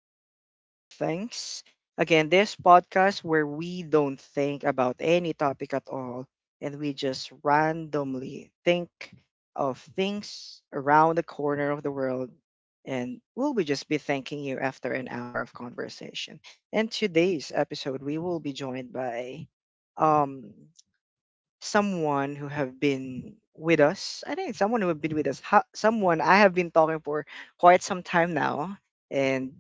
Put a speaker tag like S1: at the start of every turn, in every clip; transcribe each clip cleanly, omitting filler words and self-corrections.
S1: Welcome back to Thanks Again, this podcast where we don't think about any topic at all and we just randomly think of things around the corner of the world. And we'll be just be thanking you after an hour of conversation. In today's episode, we will be joined by um, someone who have been with us. I think someone who have been with us, someone I have been talking for quite some time now. And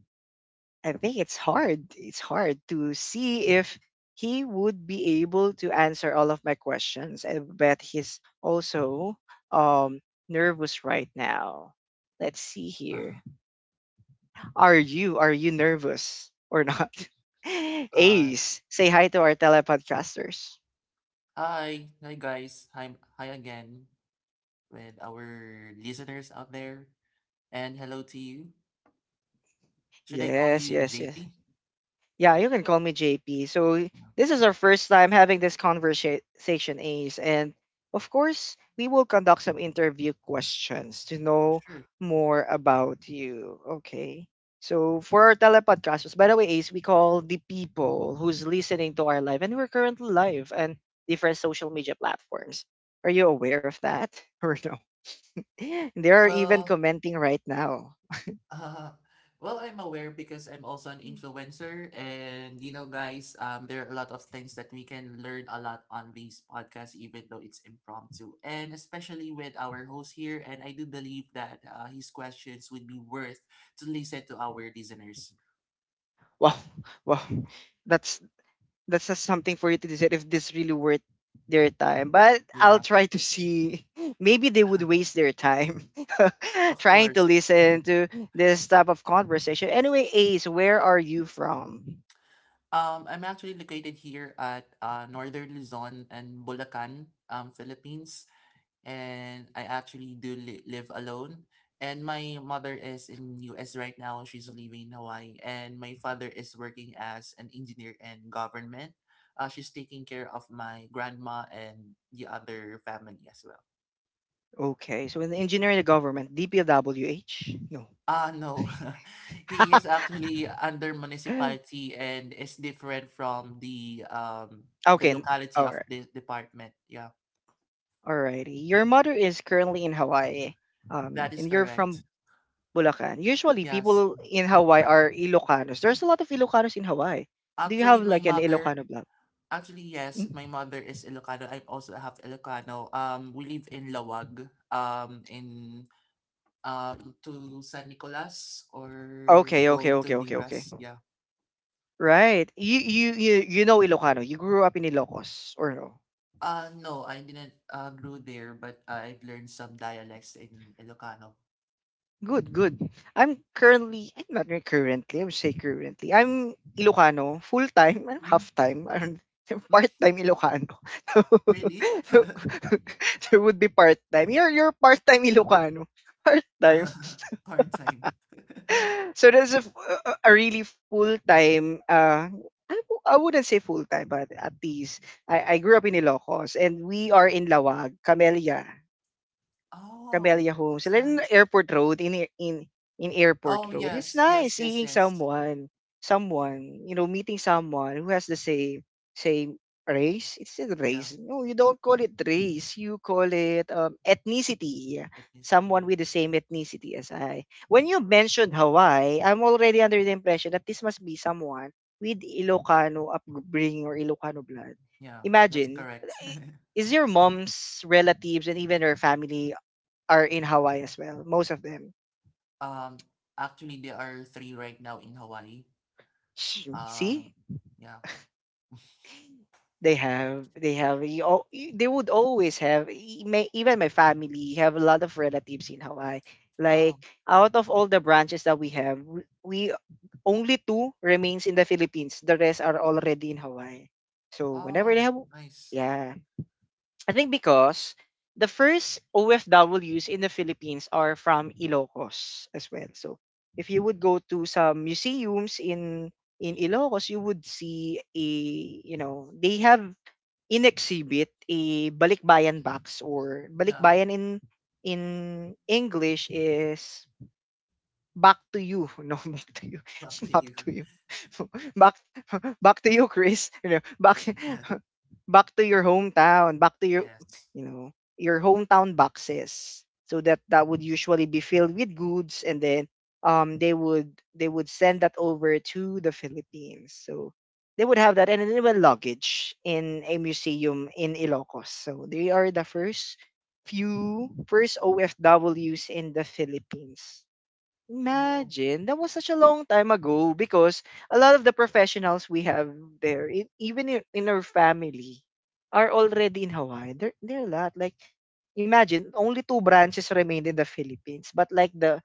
S1: I think it's hard. It's hard to see if he would be able to answer all of my questions. I bet he's also um nervous right now. Let's see here. Are you nervous or not?
S2: Uh,
S1: Ace, say hi to our telepodcasters.
S2: Hi, guys. Hi, again with our listeners out there. And hello to you. Should I call
S1: Yes,
S2: you
S1: yes, yes.
S2: JP?
S1: Yeah, you can call me JP. So
S2: Yeah,
S1: this is our first time having this conversation, Ace, and of course we will conduct some interview questions to
S2: oh,
S1: know
S2: sure.
S1: more about you. Okay. So for our telepodcasters, by the way, Ace, we call the people who's listening to our live, and we're currently live on different social media platforms. Are you aware of that or no? They are even
S2: Well,
S1: commenting right now.
S2: uh, well, I'm aware because I'm also an influencer, and guys, there are a lot of things that we can learn a lot on these podcasts, even though it's impromptu, and especially with our host here. And I do believe that his questions would be worth to listen to our listeners.
S1: Wow, wow, that's just something for you to decide if this really worth their time. But I'll
S2: Yeah,
S1: try to see. Maybe they would waste their time
S2: of
S1: trying to
S2: course.
S1: listen to this type of conversation. Anyway, Ace, where are you from?
S2: I'm actually located here at Northern Luzon and Bulacan, Philippines, and I actually live alone. And my mother is in US right now. She's living in Hawaii, and my father is working as an engineer in government. She's taking care of my grandma and the other family as well.
S1: Okay, so in engineering and government, DPWH? No.
S2: Ah, no. He is actually under municipality and is different from the
S1: okay, n-
S2: locality
S1: all
S2: of
S1: right.
S2: the department. Yeah.
S1: Alrighty. Your mother is currently in Hawaii,
S2: That is
S1: and you're
S2: correct.
S1: from Bulacan. Usually,
S2: Yes.
S1: people in Hawaii
S2: A-
S1: are Ilocanos. There's a lot of Ilocanos in Hawaii. Do you have
S2: Actually,
S1: like an Ilocano.
S2: actually, yes, my
S1: Mm.
S2: mother is Ilocano. I'm also half Ilocano. We live in Lawag, in to San Nicolas or
S1: Okay, okay,
S2: going to
S1: okay, okay,
S2: Dingras.
S1: okay.
S2: Yeah.
S1: Right. You know Ilocano. You grew up in Ilocos or no?
S2: No, I didn't grew there, but I've learned some dialects in Ilocano.
S1: Good, good. I'm currently, I'm not really currently, I would say currently, I'm Ilocano, full time,
S2: Hmm?
S1: half time, part time Ilocano.
S2: Really?
S1: So, so, so would be part time. You're part time Ilocano. Part time.
S2: Part time.
S1: so there's a, f- a a really full time I wouldn't say full time but at least I grew up in Ilocos and we are in Lawag Camellia,
S2: Oh,
S1: Homes,
S2: that's
S1: like in
S2: nice.
S1: Airport Road, in in
S2: Oh,
S1: Airport Road. It's
S2: yes, yes,
S1: nice
S2: yes,
S1: seeing
S2: yes.
S1: someone, someone, you know, meeting someone who has the same same race. It's a
S2: Yeah.
S1: race. No, you don't call it race. You call it ethnicity.
S2: Ethnicity,
S1: Someone
S2: yeah.
S1: with the same ethnicity as I. When you mentioned Hawaii, I'm already under the impression that this must be someone with Ilocano upbringing or Ilocano blood.
S2: Yeah, that's
S1: Imagine,
S2: correct.
S1: is your mom's relatives and even her family are in Hawaii as well. Most of them.
S2: Um, actually, there are three right now in Hawaii. Um,
S1: See,
S2: yeah.
S1: they have they would always have even my family have a lot of relatives in Hawaii.
S2: Oh,
S1: Like out of all the branches that we have, we only two remains in the Philippines. The rest are already in Hawaii. So whenever they
S2: oh,
S1: have,
S2: nice.
S1: yeah. I think because the first OFWs in the Philippines are from Ilocos as well. So if you would go to some museums in Ilocos, you would see a, you know, they have in exhibit a balikbayan box, or
S2: Yeah,
S1: balikbayan in in English is back to you. No, back to you.
S2: back to
S1: Back
S2: you.
S1: to you. Back back to you, Chris. You know, back back to your hometown, back to your,
S2: Yes.
S1: you know, your hometown boxes. So that would usually be filled with goods and then they would send that over to the Philippines. So they would have that and then they would luggage in a museum in Ilocos. So they are the first few first OFWs in the Philippines.
S2: Oh,
S1: Imagine, that was such a long time ago because a lot of the professionals we have there, even in our family, are already in Hawaii. There are a lot. Like, imagine, only two branches remained in the Philippines, but like the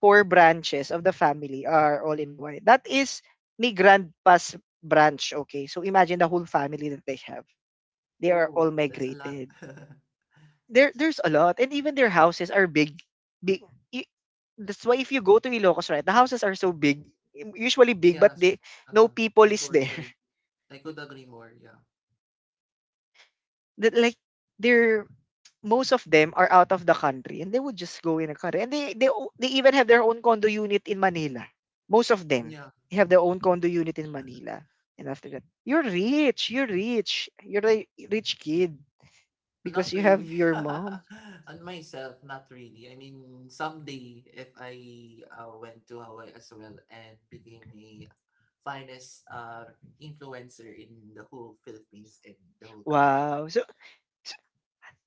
S1: four branches of the family are all in
S2: mhm.
S1: Hawaii. That is my grandpa's branch, okay? So imagine the whole family that they have. They are all
S2: Oh, that's a lot.
S1: migrated there. There's a lot and even their houses are big, big i- that's why if you go to Ilocos right the houses are so big, usually big but
S2: Yes.
S1: they no
S2: Uh,
S1: people
S2: I
S1: is
S2: could
S1: there.
S2: agree. I could agree more. Yeah.
S1: That like they're, most of them are out of the country and they would just go in a car and they even have their own condo unit in Manila, most of them
S2: Yeah.
S1: have their own condo unit in Manila, and after that you're rich, you're rich, you're a rich kid
S2: Not
S1: because you have
S2: really.
S1: your mom.
S2: On myself, not really. I mean, someday if I went to Hawaii as well and became a finest influencer in the whole Philippines and the whole country.
S1: Wow. So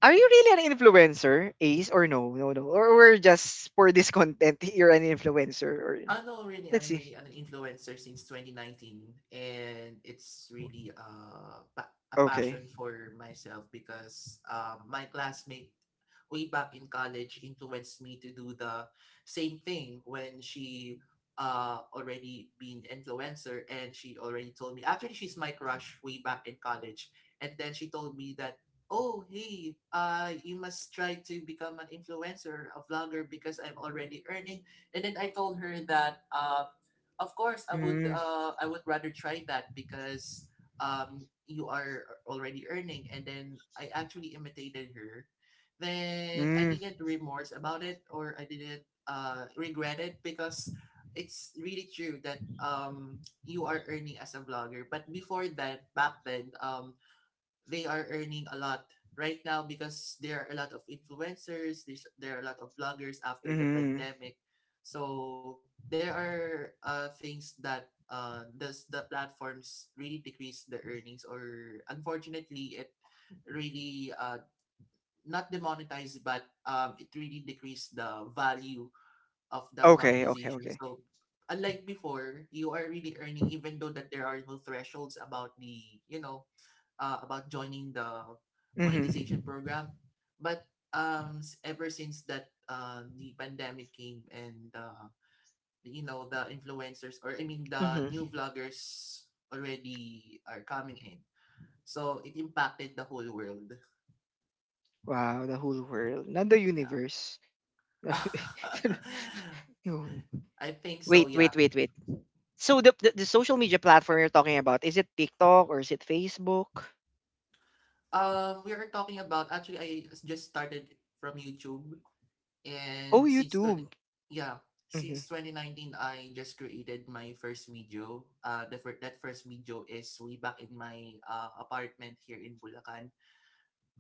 S1: are you really an influencer, Ace, or no? No, no. Or we're just for this content, you're an influencer, or
S2: I know, really,
S1: let's
S2: I'm
S1: see.
S2: really an influencer since 2019, and it's really a
S1: Okay.
S2: passion for myself because my classmate way back in college influenced me to do the same thing when she already been influencer and she already told me actually she's my crush way back in college and then she told me that oh hey, you must try to become an influencer a vlogger because I'm already earning. And then I told her that, of course,
S1: Mm,
S2: I would rather try that because you are already earning. And then I actually imitated her. Then I
S1: mm,
S2: didn't remorse about it or I didn't regret it because it's really true that you are earning as a vlogger. But before that, back then, they are earning a lot right now because there are a lot of influencers, there are a lot of bloggers after the
S1: mm.
S2: pandemic. So there are things that does the platforms really decrease the earnings, or unfortunately it really not demonetized but it really decreased the value of the
S1: Okay, okay,
S2: monetization.
S1: okay.
S2: So unlike before, you are really earning even though that there are no thresholds about the, you know, about joining the monetization
S1: Mm-hmm.
S2: program. But ever since that the pandemic came and you know the influencers, or I mean the
S1: Mm-hmm.
S2: new vloggers already are coming in, so it impacted the whole world.
S1: Wow, the whole world, not the
S2: Yeah.
S1: universe. No.
S2: I think so,
S1: wait, wait,
S2: yeah.
S1: wait, wait. So the social media platform you're talking about, is it TikTok or is it Facebook?
S2: We are talking about, actually I just started from YouTube.
S1: Oh,
S2: And since 20,
S1: YouTube.
S2: yeah,
S1: Mm-hmm.
S2: since 2019 I just created my first video. That first video is way back in my apartment here in Bulacan.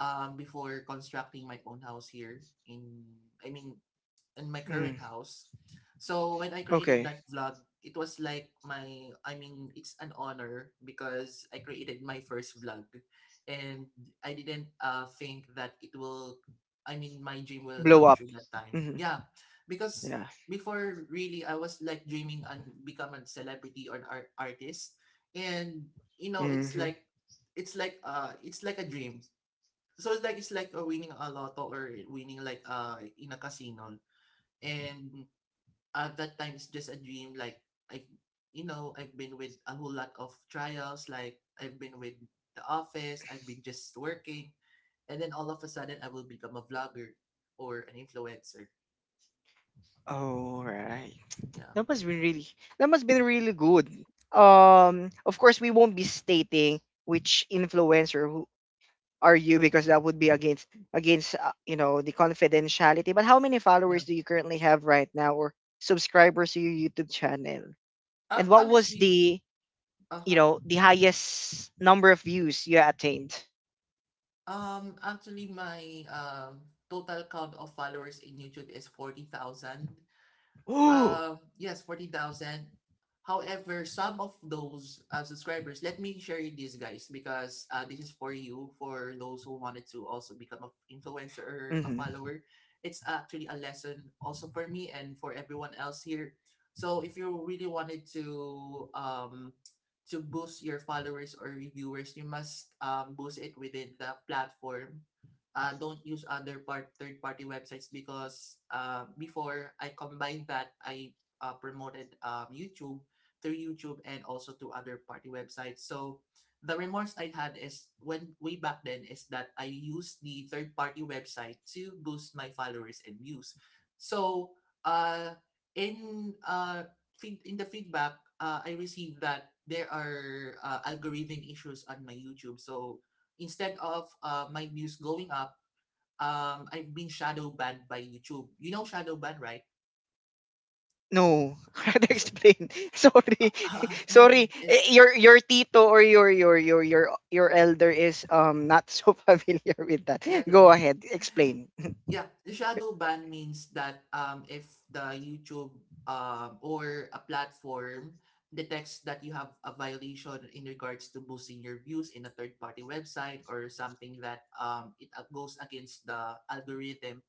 S2: Before constructing my own house here in, I mean, in my current
S1: Mm.
S2: house. So when I created
S1: Okay.
S2: that vlog, it was like my I mean, it's an honor because I created my first vlog, and I didn't think that it will I mean my dream will
S1: Blow
S2: come
S1: up.
S2: true that time.
S1: Mm-hmm.
S2: Yeah. Because
S1: Yeah.
S2: before really I was like dreaming and become a celebrity or artist, and you know it's
S1: Mm-hmm.
S2: like it's like a dream, so it's like, winning a lotto or winning like in a casino. And at that time it's just a dream, like I've you know I've been with a whole lot of trials, like I've been with the office, I've been just working, and then all of a sudden I will become a vlogger or an influencer.
S1: All right.
S2: Yeah.
S1: That must been really that must been really good. Of course, we won't be stating which influencer who are you because that would be against you know, the confidentiality. But how many
S2: Yeah,
S1: followers do you currently have right now, or subscribers to your YouTube channel? And what was
S2: honestly,
S1: the, you
S2: uh-huh,
S1: know, the highest number of views you attained?
S2: actually my total count of followers in YouTube is 40,000.
S1: Mm-hmm.
S2: Yes, 40,000. However, some of those subscribers, let me share you this, guys, because this is for you, for those who wanted to also become an influencer or a follower. It's actually a lesson also for me and for everyone else here. So if you really wanted to boost your followers or viewers, you must boost it within the platform. Don't use other part third party websites because before I combined that, I promoted YouTube through YouTube and also to other party websites. So the remorse I had is when way back then is that I used the third party website to boost my followers and views. So uh, in uh, in the feedback, I received that there are algorithm issues on my YouTube. So instead of my views going up, I've been shadow banned by YouTube. You know shadow ban, right?
S1: No, hard to
S2: Sh-
S1: explain. Sorry, sorry.
S2: yeah,
S1: Eh, your tito or your elder is not so familiar with that.
S2: yeah,
S1: Go ahead, explain.
S2: yeah. The shadow ban means that if the YouTube, or a platform detects that you have a violation in regards to boosting your views in a third-party website or something, that it goes against the algorithm,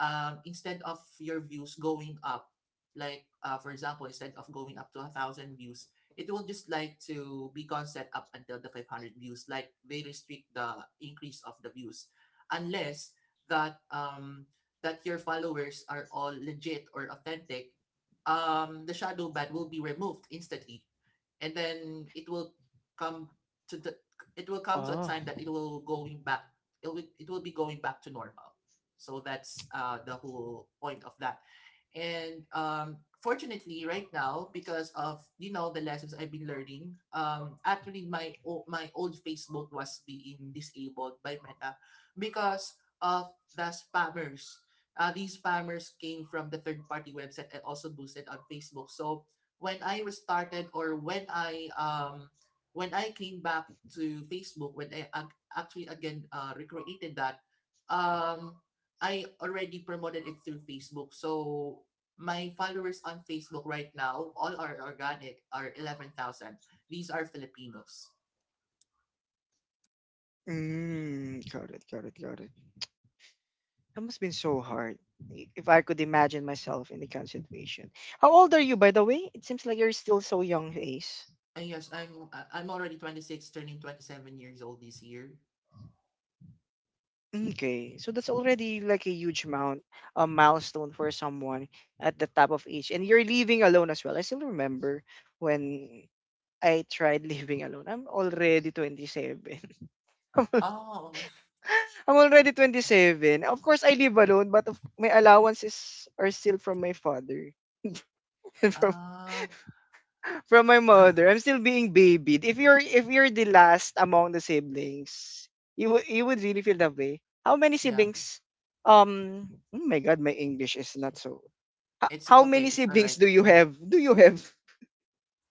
S2: instead of your views going up, like for example, instead of going up to a thousand views, it will just like to be constant up until the 500 views. Like they restrict the increase of the views, unless that um, that your followers are all legit or authentic. The shadow ban will be removed instantly, and then it will come to the it will come to a
S1: Oh,
S2: time that it will going back, it will be going back to normal. So that's the whole point of that. And fortunately right now because of you know the lessons I've been learning, actually my old Facebook was being disabled by Meta because of the spammers. Uh, these spammers came from the third party website and also boosted on Facebook. So when I was started, or when I came back to Facebook, when I actually again recreated that, um I already promoted it through Facebook. So my followers on Facebook right now all are organic, are 11,000. These are Filipinos.
S1: mm, got it. That must have been so hard. If I could imagine myself in the kind of situation. How old are you, by the way? It seems like you're still so young, Ace.
S2: And yes, I'm already 26, turning 27 years old this year.
S1: Okay, so that's already like a huge amount, a milestone for someone at the top of age, and you're living alone as well. I still remember when I tried living alone. I'm already 27.
S2: Oh
S1: I'm already 27. Of course, I live alone, but my allowances are still from my father and
S2: uh
S1: from my mother. I'm still being babied. If you're the last among the siblings, you would really feel that way. How many
S2: yeah,
S1: siblings? Um, oh my God, my English is not so,
S2: it's
S1: how
S2: okay,
S1: many
S2: it's all
S1: siblings
S2: right.
S1: do you have?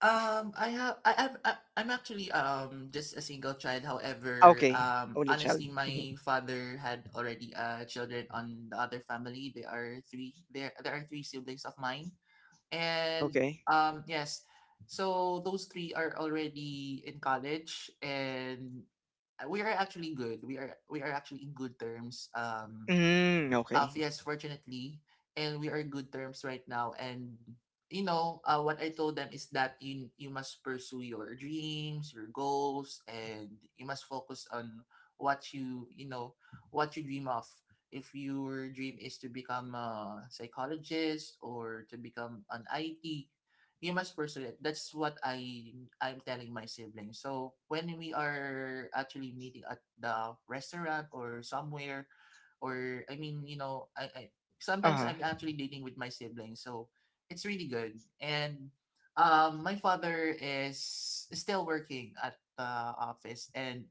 S2: I have I'm actually just a single child.
S1: Ah,
S2: However,
S1: okay, only child.
S2: honestly
S1: Mhm.
S2: my father had already children on the other family. There there are three siblings of mine. And
S1: Okay.
S2: yes. So those three are already in college, and we are actually good. We are actually in good terms.
S1: Mm, okay.
S2: Yes, fortunately, and we are good terms right now. And you know, what I told them is that you must pursue your dreams, your goals, and you must focus on what you know what you dream of. If your dream is to become a psychologist or to become an IT, you must pursue it. That's what I'm telling my siblings. So when we are actually meeting at the restaurant or somewhere, or I mean, you know, I sometimes I'm
S1: Ah,
S2: actually dating with my siblings, so it's really good. And my father is still working at the office, and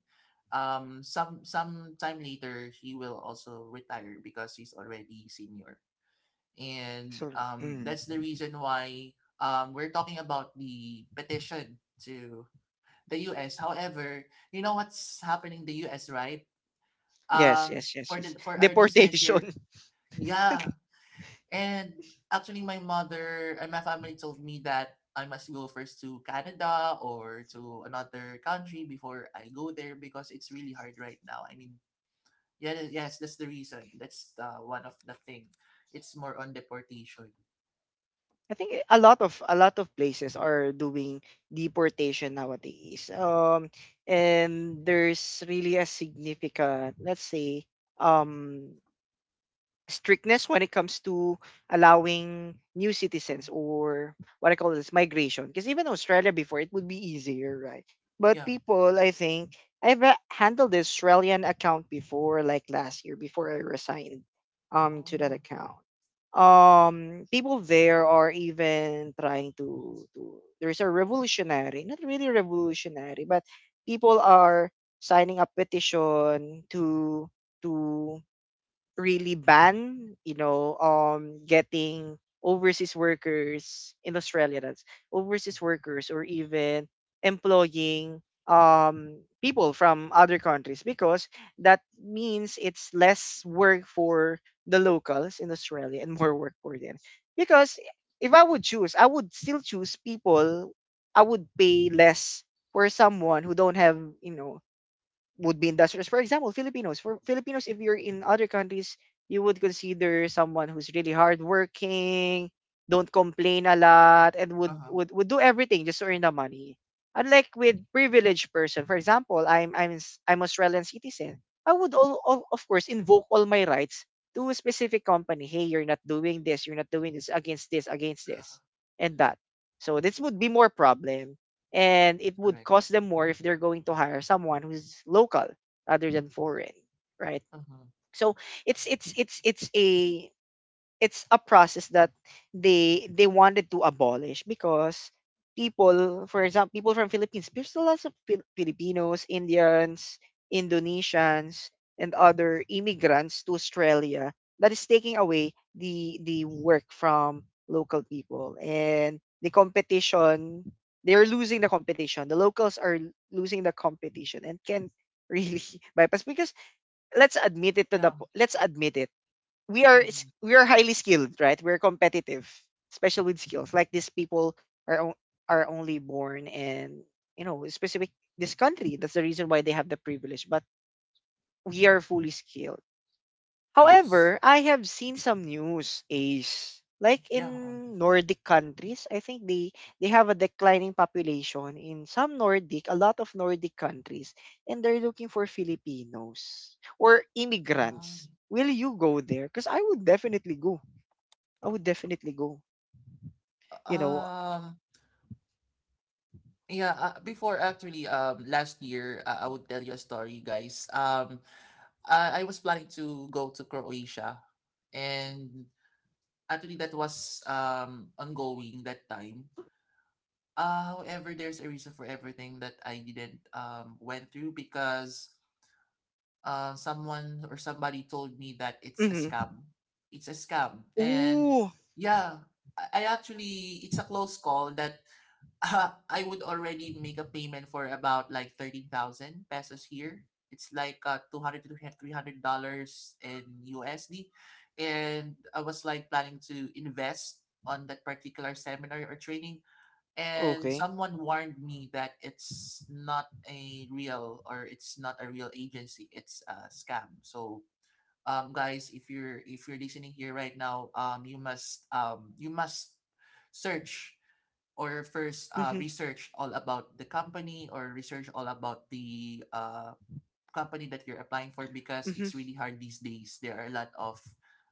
S2: some time later he will also retire because he's already senior. And
S1: so mm.
S2: that's the reason why we're talking about the petition to the U.S. However, you know what's happening in the U.S., right?
S1: Yes, yes, yes,
S2: For
S1: yes.
S2: the for our listeners here,
S1: Deportation.
S2: yeah. And actually, my mother and my family told me that I must go first to Canada or to another country before I go there because it's really hard right now. I mean, yeah, yes, that's the reason. That's the, one of the thing. It's more on deportation.
S1: I think a lot of places are doing deportation nowadays. And there's really a significant, let's say, um, strictness when it comes to allowing new
S2: Mm,
S1: citizens or what I call this migration. Because even Australia before, it would be easier, right? But
S2: yeah.
S1: people, I think, I've handled the Australian account before, like last year, before I resigned to that
S2: Oh.
S1: account. People there are even trying to, there's a revolutionary, not really revolutionary, but people are signing a petition to really ban, you know, getting overseas workers in Australia, that's overseas workers or even employing, people from other countries because that means it's less work for the locals in Australia and more work for them. Because if I would choose, I would still choose people. I would pay less for someone who don't have, you know, would be industrials. For example, Filipinos. For Filipinos, if you're in other countries, you would consider someone who's really hardworking, don't complain a lot, and
S2: Uh huh.
S1: would do everything just to earn the money. Unlike with privileged person, for example, I'm Australian citizen. I would of course invoke all my rights to a specific company. Hey, you're not doing this. You're not doing this against this and that. So this would be more problem and it would
S2: Correct.
S1: cost them more if they're going to hire someone who's local rather than foreign, right?
S2: Uh huh.
S1: So it's it's it's it's a it's a process that they wanted to abolish because people, for example, people from Philippines, there's a lot of Filipinos, Indians, Indonesians, and other immigrants to Australia that is taking away the work from local people and the competition. They're losing the competition, the locals are losing the competition and can't really bypass because
S2: Yeah.
S1: let's admit it,
S2: Mhm,
S1: we are highly skilled, right? We're competitive, especially with skills. Like these people are on- are only born in, you know, specific, this country. That's the reason why they have the privilege. But we are fully skilled.
S2: yes.
S1: However, I have seen some news, Ace. Like
S2: Yeah.
S1: in Nordic countries, I think they have a declining population in some Nordic, a lot of Nordic countries, and they're looking for Filipinos or
S2: Um,
S1: immigrants. Will you go there? Because I would definitely go I would definitely go, you know
S2: uh, yeah, before actually, last year, I would tell you a story, guys. I was planning to go to Croatia, and actually, that was ongoing that time. However, there's a reason for everything that I didn't went through because someone or somebody told me that it's a
S1: mhm.
S2: scam. It's a scam, and
S1: Ooh,
S2: yeah, I actually it's a close call that I would already make a payment for about like 13,000 pesos here. It's like 200 to $300 in USD. And I was like planning to invest on that particular seminar or training. And
S1: okay.
S2: someone warned me that it's not a real agency. It's a scam. So guys, if you're listening here right now, you must search or first,
S1: Mhm,
S2: research all about the company or research all about the company that you're applying for, because
S1: mhm.
S2: it's really hard these days. There are a lot of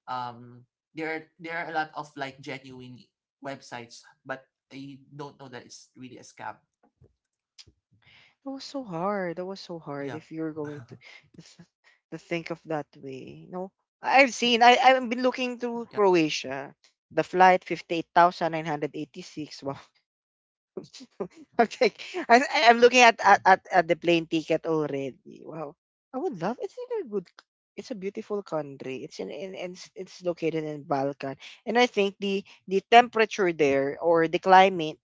S2: um, there are a lot of like genuine websites, but I don't know that it's really a scam.
S1: That was so hard, that was so hard
S2: Yeah.
S1: if you're going to think of that way. No, I've seen, I've been looking through
S2: Yeah.
S1: Croatia, the flight 58,986. Wow. Okay. I'm looking at the plane ticket already. Wow. I would love it's in a good c- it's a beautiful country. It's in it's located in Balkan. And I think the temperature there or the climate,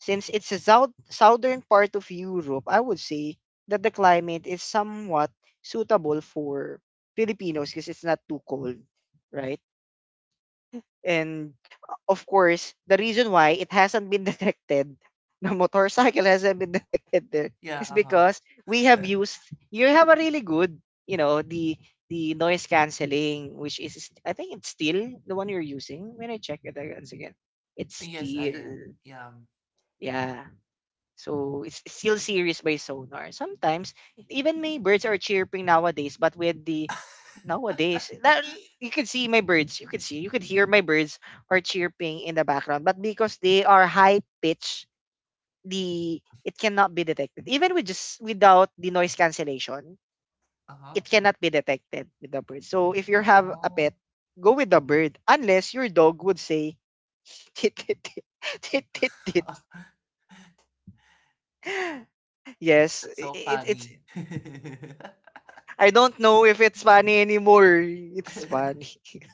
S1: since it's a south, southern part of Europe, I would say that the climate is somewhat suitable for Filipinos because it's not too cold, right? And of course, the reason why it hasn't been detected, the motorcycle hasn't been detected there,
S2: Yeah.
S1: is
S2: Uh-huh.
S1: because we have used you have a really good, you know, the noise canceling, which I think it's still the one you're using. When I check it once again, it's
S2: Yes, I
S1: still
S2: am. Yeah.
S1: yeah. So it's still series by sonar. Sometimes even my birds are chirping nowadays, but with the nowadays that you can see my birds. You can see, you could hear my birds are chirping in the background. But because they are high pitch, the it cannot be detected. Even with just without the noise cancellation,
S2: Uh huh.
S1: it cannot be detected with the bird. So if you have a
S2: Oh,
S1: pet, go with the bird. Unless your dog would say tit tit tit tit tit tit. Yes,
S2: that's so
S1: it, it's
S2: funny.
S1: I don't know if it's funny anymore. It's funny.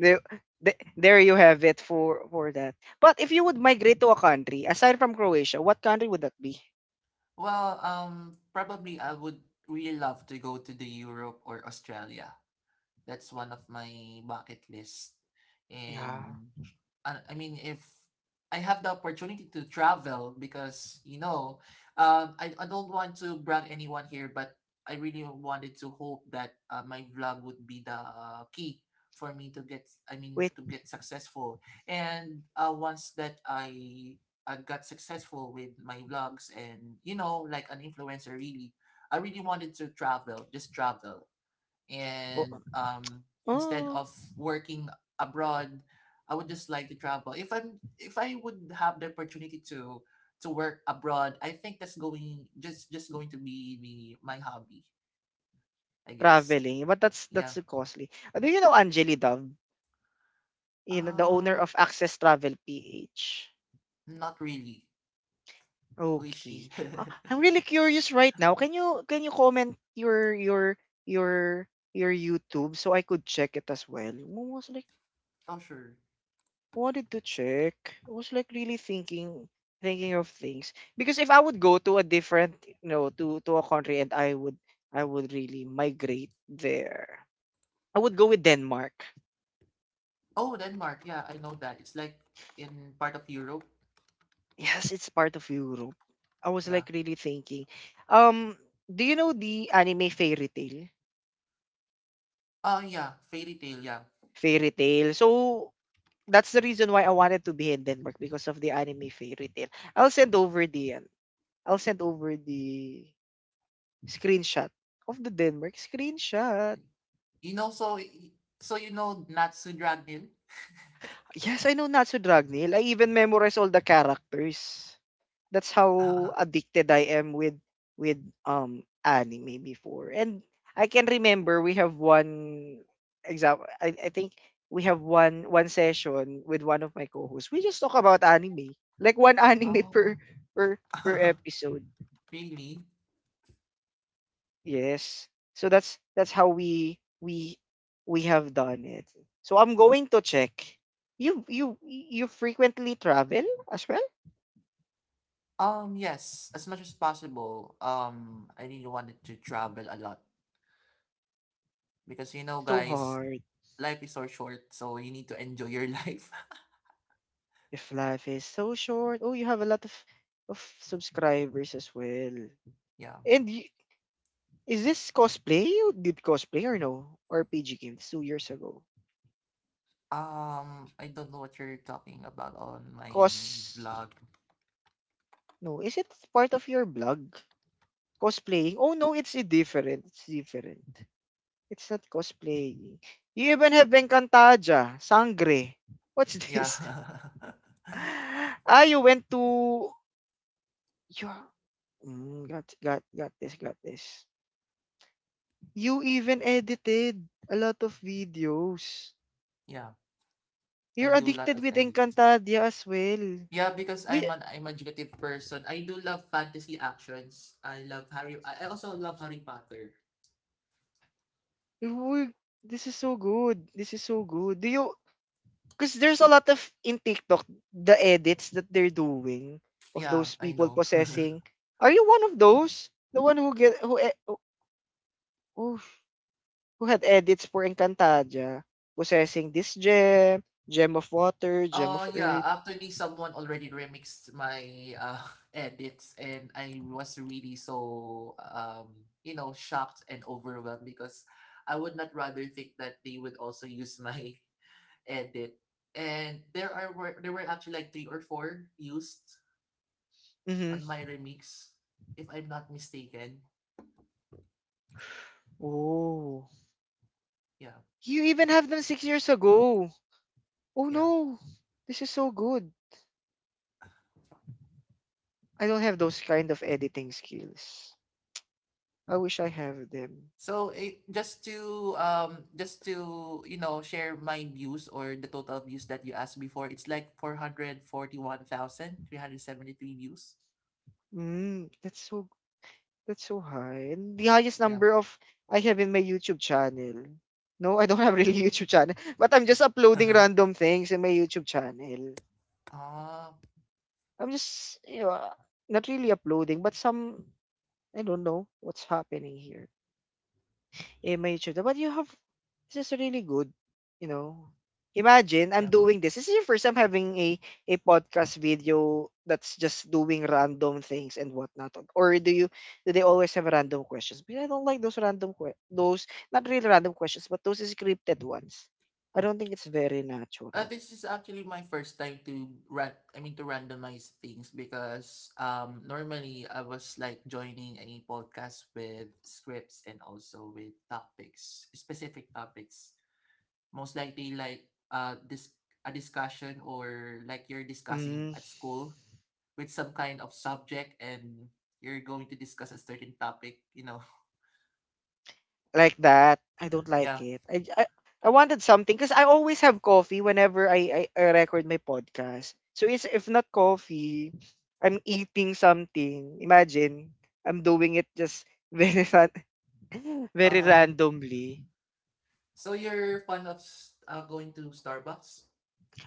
S1: there, there you have it for that. But if you would migrate to a country aside from Croatia, what country would that be?
S2: Well, probably I would really love to go to the Europe or Australia. That's one of my bucket list.
S1: Yeah.
S2: And I mean, if I have the opportunity to travel, because you know, I don't want to brag anyone here, but I really wanted to hope that my vlog would be the key for me to
S1: Wait.
S2: to get successful. And once that I got successful with my vlogs, and you know, like an influencer, really, I really wanted to travel, just travel,
S1: Oh,
S2: and instead
S1: oh,
S2: of working abroad, I would just like to travel. If I'm if I would have the opportunity to work abroad, I think that's going just going to be my hobby, I guess.
S1: traveling, but that's
S2: Yeah.
S1: costly. Do you know Angeli Dove? You know, the owner
S2: uh
S1: of Access Travel PH.
S2: not really. Who is
S1: Okay.
S2: she?
S1: I'm really curious right now. Can you comment your your YouTube so I could check it as well? I was like
S2: Oh, sure.
S1: wanted to check. I was like really thinking thinking of things because if I would go to a different you know to a country and I would really migrate there. I would go with Denmark.
S2: Oh, Denmark, yeah, I know that it's like in part of Europe.
S1: Yes, it's part of Europe. I was
S2: Yeah.
S1: like really thinking. Um, do you know the anime Fairy Tail?
S2: Oh yeah, fairy tale, yeah.
S1: Fairy Tail. So that's the reason why I wanted to be in Denmark because of the anime fairy tale. I'll send over the ano, I'll send over the screenshot of the Denmark screenshot.
S2: You know, so you know Natsu Dragon.
S1: Yes, I know Natsu Dragneel. I even memorize all the characters. That's how addicted I am with anime before. And I can remember we have one example I think we have one session with one of my co-hosts. We just talk about anime. Like one anime
S2: Oh.
S1: per per episode.
S2: Really?
S1: Yes. So that's how we have done it. So I'm going to check. You frequently travel as well?
S2: Yes, as much as possible. I really wanted to travel a lot, because you know,
S1: So
S2: guys,
S1: hard.
S2: life is so short, so you need to enjoy your life.
S1: If life is so short, oh, you have a lot of subscribers as well.
S2: Yeah.
S1: And y- is this cosplay? You did cosplay or no? Or PG Games 2 years ago?
S2: I don't know what you're talking about on my
S1: Cos
S2: vlog.
S1: no, is it part of your blog? Cosplaying? Oh no, it's a different. It's different. It's not cosplaying. You even have Encantaja, Sangre. What's
S2: Yeah.
S1: this? Ah, you went to you. Mm, got this. Got this. You even edited a lot of videos.
S2: Yeah, I
S1: You're
S2: do a lot
S1: addicted
S2: of
S1: with
S2: edits.
S1: Encantadia as well. Do
S2: Yeah, because
S1: y-
S2: I'm an imaginative person. I do love fantasy actions. I love Harry. I also love Harry Potter.
S1: we- this is so good. This is so good. Do you because there's a lot of in TikTok the edits that they're doing of
S2: Yeah,
S1: those
S2: I
S1: people
S2: know.
S1: possessing. Are you one of those? The one who get who e- who, who who had edits for Encantadia possessing this gem, gem of water, gem of earth.
S2: Yeah, actually someone already remixed my edits, and I was really so you know shocked and overwhelmed, because I would not rather think that they would also use my edit. And there were actually like three or four used on
S1: Mm-hmm.
S2: my remix, if I'm not mistaken.
S1: Oh.
S2: Yeah,
S1: You even have them 6 years ago. Oh
S2: yeah.
S1: no, this is so good. I don't have those kind of editing skills. I wish I have them.
S2: So just to you know share my views or the total views that you asked before, it's like 441,373 views.
S1: Mm, that's so high. And the highest
S2: Yeah.
S1: number of I have in my YouTube channel. No, I don't have really YouTube channel, but I'm just uploading random things in my YouTube channel.
S2: Ah,
S1: I'm just you know, not really uploading, but some I don't know what's happening here. I made sure that, but you have this is really good, you know. Imagine I'm
S2: yeah.
S1: doing this. This is your first time having a podcast video that's just doing random things and whatnot. Or do you do they always have random questions? Because I don't like those random que- those not really random questions, but those scripted ones. I don't think it's very natural.
S2: This is actually my first time to randomize things, because normally I was like joining a podcast with scripts and also with topics, specific topics. Most likely like this a discussion, or like you're discussing
S1: Mm.
S2: at school with some kind of subject, and you're going to discuss a certain topic, you know.
S1: Like that. I don't like
S2: Yeah.
S1: it. I wanted something because I always have coffee whenever I record my podcast. So it's if not coffee, I'm eating something. Imagine I'm doing it just very ran- very
S2: uh
S1: randomly.
S2: so you're fond of going to Starbucks?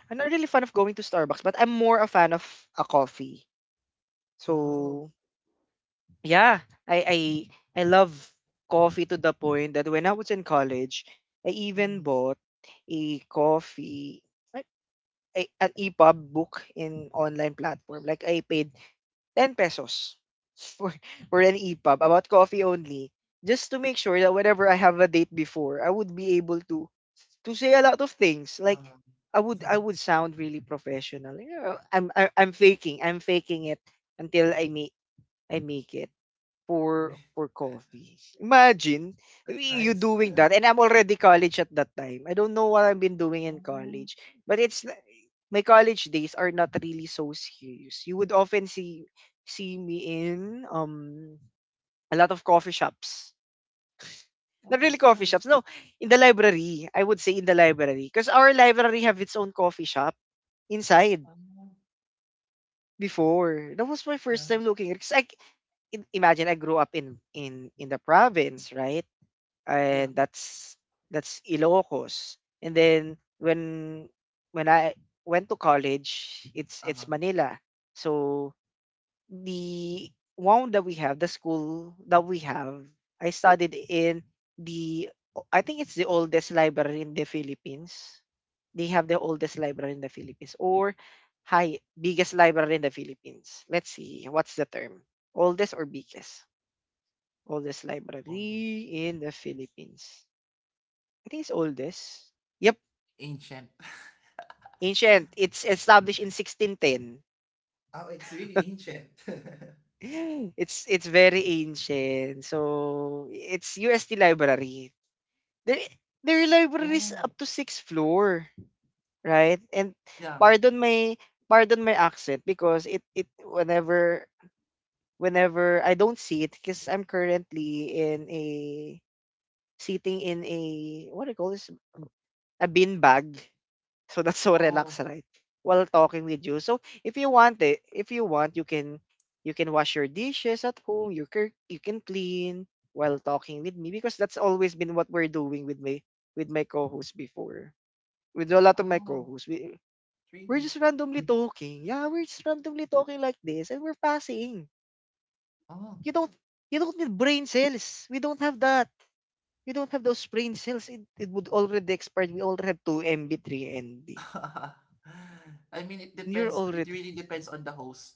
S1: I'm not really fan of going to Starbucks, but I'm more a fan of a coffee.
S2: Oh.
S1: So yeah, I love coffee to the point that when I was in college, I even
S2: Mm,
S1: bought a coffee. A an EPUB book in online platform. Like I paid 10 pesos for, for an EPUB about coffee only, just to make sure that whenever I have a date before, I would be able to say a lot of things.
S2: um.
S1: Like I would I would sound really professional. You know, I'm faking. I'm faking it until I make it
S2: I mean,
S1: for coffee. Imagine
S2: that's
S1: y-
S2: nice.
S1: you doing that, and I'm already college at that time. I don't know what I've been doing in
S2: Oh,
S1: college, but it's n- my college days are not really so serious. You would often see see me in a lot of coffee shops.
S2: oh,
S1: Not
S2: that's
S1: really
S2: nice.
S1: coffee shops. No, in the library. I would say in the library because our library have its own coffee shop inside
S2: Um,
S1: before. That was my
S2: yeah.
S1: first time looking because I c- im- imagine I grew up in the province, right?
S2: Yeah.
S1: And that's Ilocos. And then when I went to college, it's
S2: Uh-huh.
S1: Manila. So the one that we have, the school that we have, I studied in the I think it's the oldest library in the Philippines. They have the oldest library in the Philippines or high biggest library in the Philippines. Let's see what's the term. Oldest or biggest? Oldest
S2: All this
S1: library in the Philippines. I think it's oldest. Yep,
S2: ancient.
S1: ancient. It's established in 1610.
S2: Oh, it's really ancient.
S1: It's very ancient. So it's USD library. Their their library is
S2: Oh
S1: up to sixth floor, right? And
S2: yeah.
S1: pardon my pardon my accent because it whenever I don't see it because I'm currently in a sitting in a what do you call this, a bin bag. So that's so
S2: Oh.
S1: relaxed, right? While talking with you. So if you want it, if you want, you can wash your dishes at home. You can clean while talking with me because that's always been what we're doing with my co-host before. With a lot of my
S2: Oh.
S1: co-hosts, we we're
S2: Really?
S1: just randomly talking. Yeah, we're just randomly talking like this, and we're passing.
S2: Oh.
S1: You don't you don't need brain cells. We don't have that. We don't have those brain cells. It would already expired. We already have 2 MB, 3 MB.
S2: I mean, it
S1: And you're
S2: depends. It
S1: already
S2: really depends on the host.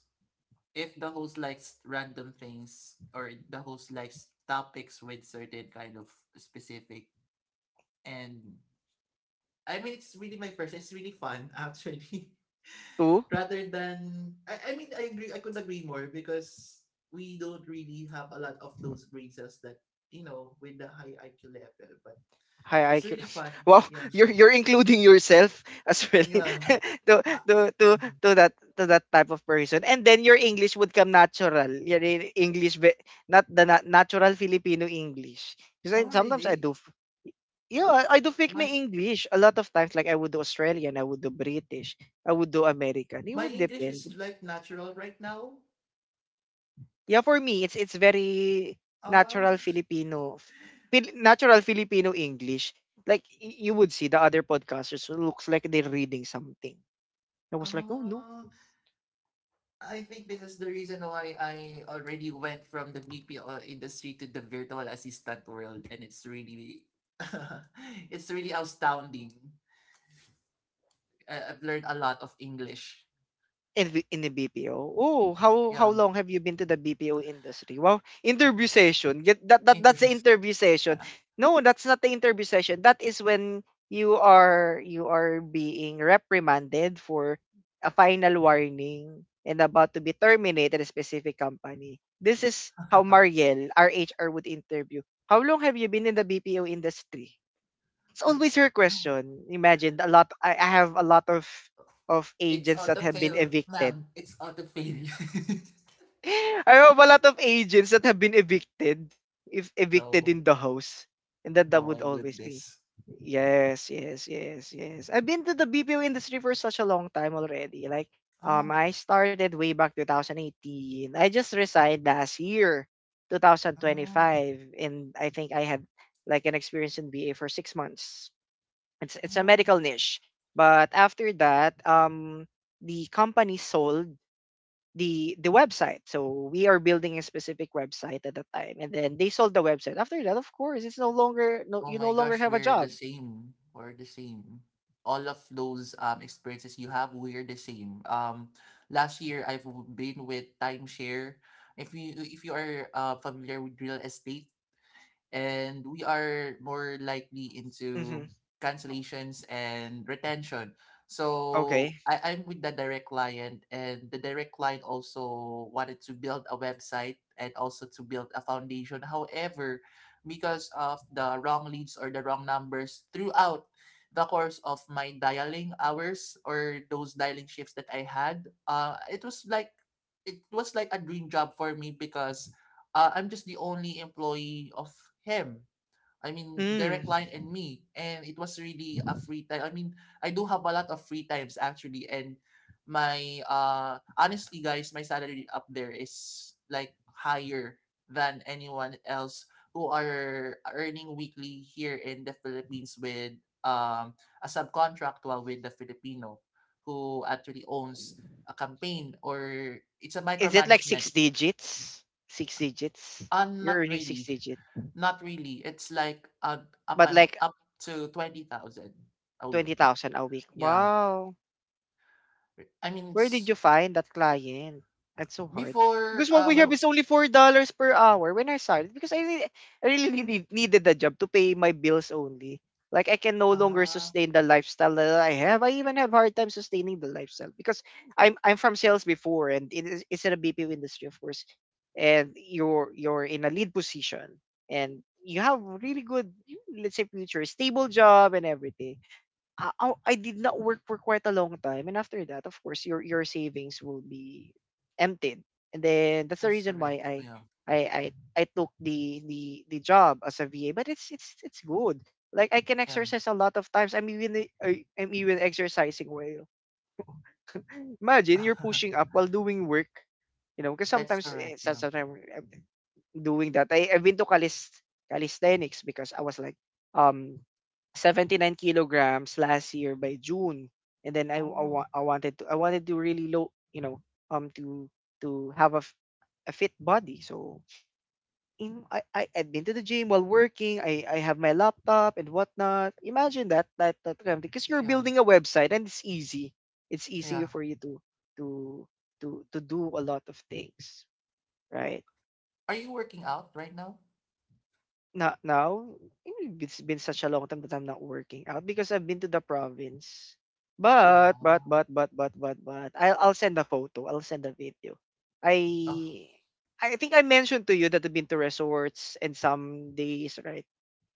S2: If the host likes random things, or the host likes topics with certain kind of specific, and I mean, it's really my first. It's really fun, actually.
S1: two?
S2: Rather than, I agree. I could not agree more, because we don't really have a lot of those breezes that you know with the high IQ level. But
S1: Hi, I
S2: it's
S1: could-
S2: really fun.
S1: wow,
S2: Yeah,
S1: you're including yourself as well
S2: yeah.
S1: to,
S2: Uh,
S1: to to
S2: mm-hmm.
S1: to that type of person, and then your English would come natural. Your I- English, be, not the na- natural Filipino English. Because I,
S2: Oh,
S1: sometimes I
S2: really?
S1: do, f- yeah, I do fake my
S2: My
S1: English a lot of times. Like I would do Australian, I would do British, I would do American. It would
S2: English
S1: depend.
S2: is like natural right now.
S1: Yeah, for me, it's very
S2: Uh,
S1: natural Filipino, Fil- natural Filipino English. Like y- you would see the other podcasters who looks like they're reading something. I was like, oh no,
S2: uh, I think this is the reason why I already went from the BPO industry to the virtual assistant world, and it's really, it's really astounding. I've learned a lot of English.
S1: in the, in the BPO. Oh, how
S2: Yeah,
S1: long have you been to the BPO industry? Well, interview session. Get that, that that's the
S2: interviews.
S1: interview session. No, that's not the interview session. That is when you are being reprimanded for a final warning and about to be terminated a specific company. This is how Mariel, our HR, would interview. How long have you been in the BPO industry? It's always her question. Imagine a lot. I have a lot of
S2: It's
S1: agents that have been
S2: autofill,
S1: evicted.
S2: ma'am. It's autofill.
S1: I have a lot of agents that have been evicted, if evicted
S2: No.
S1: in the house, and that
S2: Oh
S1: would
S2: my
S1: always be.
S2: goodness.
S1: Yes, yes, yes, yes, I've been to the BPO industry for such a long time already.
S2: Ah,
S1: I started way back 2018. I just resigned last year,
S2: ah,
S1: 2025, and I think I had like an experience in BA for 6 months. It's a
S2: ah.
S1: medical niche, but after that, the company sold the website. So we are building a specific website at the time, and then they sold the website. After that, of course, it's no longer no
S2: Oh
S1: you no
S2: my
S1: longer
S2: gosh,
S1: have a
S2: we're the
S1: job.
S2: same. We're the same. All of
S1: It's also a
S2: those
S1: website.
S2: experiences you have, we're the same. Last year been with timeshare. If you are familiar with real estate, and we are more likely into
S1: Hmm.
S2: cancellations and retention.
S1: Okay.
S2: So I'm with the direct client, and the direct client also wanted to build a website and also to build a foundation. However, because of the wrong leads or the wrong numbers throughout the course of my dialing hours or those dialing shifts that I had, it was like a dream job for me, because I'm just the only employee of him. I mean,
S1: Mm.
S2: direct line and me. And it was really a free time. I mean, I do have a lot of free times actually. And my, honestly, guys, my salary up there is like higher than anyone else who are earning weekly here in the Philippines with um, a subcontractual with the Filipino who actually owns a campaign, or it's a
S1: Is it like
S2: micromanagement.
S1: six digits? Six digits. You're
S2: Not
S1: earning six
S2: really.
S1: digit,
S2: Not really. It's like
S1: but like
S2: up to 20,000 a week.
S1: 20,000 a week.
S2: Yeah.
S1: Wow.
S2: I mean,
S1: Where did you
S2: it's
S1: find that client? That's so hard.
S2: before
S1: Because what we have
S2: um
S1: is only $4 per hour when I started. I really needed the job to pay my bills only. Like I can no
S2: I,
S1: longer
S2: uh
S1: sustain the lifestyle that I have. I even have hard time sustaining the lifestyle because I'm from sales before and it's in a BPO industry of course, and you're in a lead position and you have really good, let's say, future stable job and everything. I did not work for quite a long time, and after that, of course, your savings will be emptied, and then that's the
S2: that's
S1: reason
S2: correct.
S1: why
S2: Yeah.
S1: I I, I took the job as a VA. But it's good. Like I can
S2: Yeah.
S1: exercise a lot of times. I'm even exercising while imagine you're pushing up while doing work. You know, because
S2: That's correct. Yeah.
S1: sometimes doing that. I've been to calisthenics because I was like um 79 kilograms last year by June, and then
S2: Oh,
S1: I wanted to really low to to have a, f- a fit body. So in, I I've been to the gym while working. I have my laptop and whatnot. Imagine that because you're
S2: yeah.
S1: building a website and it's easy. It's easier
S2: Yeah.
S1: for you to to do a lot of things, right?
S2: Are you working out right now?
S1: No, now, it's been such a long time that I'm not working out because I've been to the province. But
S2: Uh,
S1: I'll send a photo. I'll send a video.
S2: oh,
S1: I I think I mentioned to you that I've been to resorts and some days, right?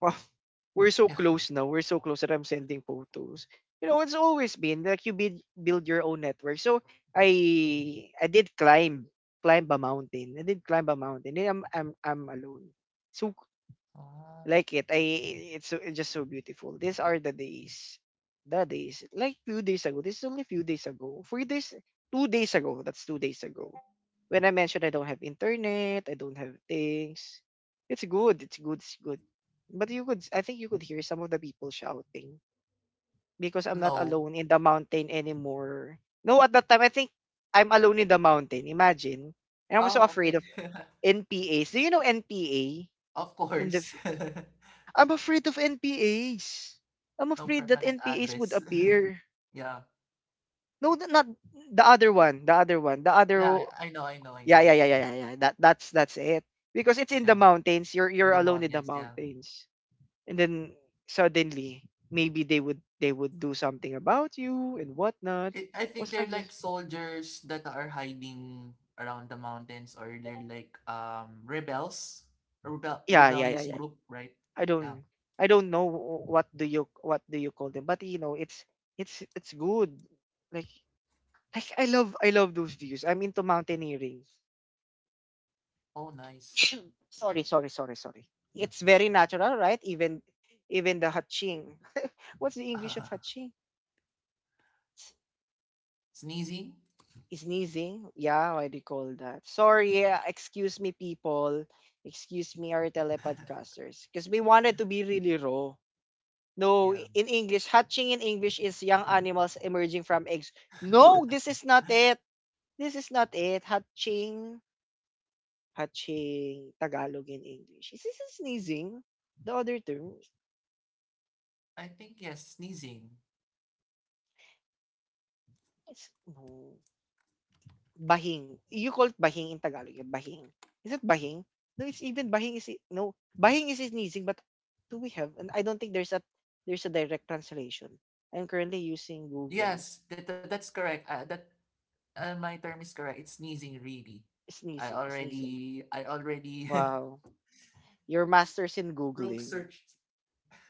S1: Wow, we're so
S2: yeah.
S1: close now. We're so close that I'm sending photos. You know, it's always been like you build your own network. So I did climb a mountain. I did climb a mountain. And I'm alone. So
S2: Uh,
S1: like it. I it's it's just so beautiful. These are the days. Like few days ago. This is only few days ago. 4 days, 2 days ago. That's 2 days ago. When I mentioned I don't have internet, I don't have things. It's good. It's good. It's good. But you could, I think you could hear some of the people shouting because I'm not
S2: no.
S1: alone in the mountain anymore. No, at that time I think I'm alone in the mountain. Imagine, and I'm so
S2: Oh,
S1: afraid
S2: okay.
S1: of NPAs. Do you know NPA
S2: Of
S1: in the
S2: course.
S1: I'm afraid of NPAs. I'm
S2: No
S1: afraid that
S2: permanent
S1: NPAs would
S2: address.
S1: appear.
S2: Yeah.
S1: No, th- not the other one. The other one. The
S2: Yeah,
S1: other.
S2: I know, I know, I
S1: Yeah,
S2: know.
S1: yeah, yeah, yeah, yeah, yeah. That's it. Because it's in the
S2: Yeah.
S1: mountains.
S2: In
S1: You're
S2: the
S1: alone in the
S2: mountains, yeah.
S1: mountains, and then suddenly maybe they would do something about you and whatnot.
S2: I think
S1: What's
S2: they're
S1: like
S2: like
S1: this?
S2: soldiers that are hiding around the mountains, or they're like rebels,
S1: Yeah, yeah, yeah,
S2: rebellious
S1: yeah.
S2: group, right?
S1: I
S2: Yeah.
S1: don't I don't know what do you call them, but you know it's good. Like I love those views. I'm into mountaineering.
S2: Oh, nice.
S1: Sorry, sorry, sorry, sorry. It's very natural, right? Even the hatching. What's the English of hatching?
S2: Sneezing.
S1: Sneezing. Yeah, why do you call that? Sorry, yeah, excuse me, people. Excuse me, our telepodcasters. Because we wanted to be really raw. No,
S2: Yeah.
S1: in English, hatching in English is young animals emerging from eggs. No, this is not it. This is not it. Hatching. Hatching Tagalog and English. Is this a sneezing? The other term
S2: I think yes, sneezing.
S1: no. Bahing. You call it bahing in Tagalog. Yeah, bahing. Is it bahing? No, it's even bahing no. Bahing is sneezing, but do we have? And I don't think there's a direct translation. I'm currently using Google.
S2: Yes, that's correct. That my term is correct. It's sneezing, really.
S1: Sneezing, sneezing.
S2: I already
S1: Wow. Your masters in
S2: proof
S1: Googling.
S2: searched.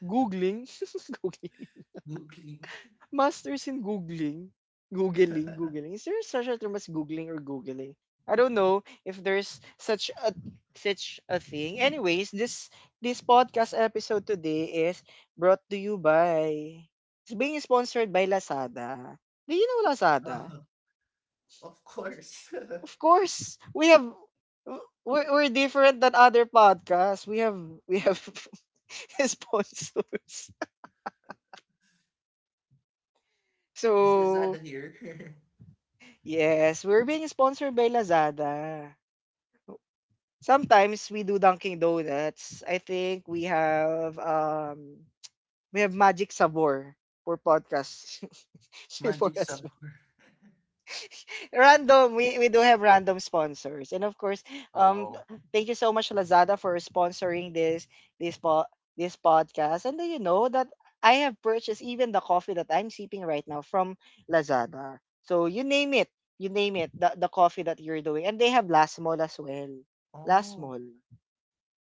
S1: Googling? Googling.
S2: Googling.
S1: Masters in googling, googling, googling. Is there such a term as googling or googling? I don't know if there's such a thing. Anyways, this podcast episode today is brought to you by it's being sponsored by Lazada. Do you know
S2: Uh,
S1: Lazada?
S2: of course.
S1: Of course, we have we're different than other podcasts. We have sponsors.
S2: Is
S1: So
S2: Lazada here?
S1: yes, we're being sponsored by Lazada. Sometimes we do Dunkin' Donuts. I think we have Magic Sabor for podcasts before
S2: Magic
S1: us.
S2: somewhere.
S1: Random, we do have random sponsors. And of course,
S2: Wow.
S1: thank you so much Lazada for sponsoring this po- this podcast. And do you know that I have purchased even the coffee that I'm sipping right now from Lazada. So you name it, the coffee that you're doing. And they have Last Mall as well. Last
S2: Oh,
S1: Mall,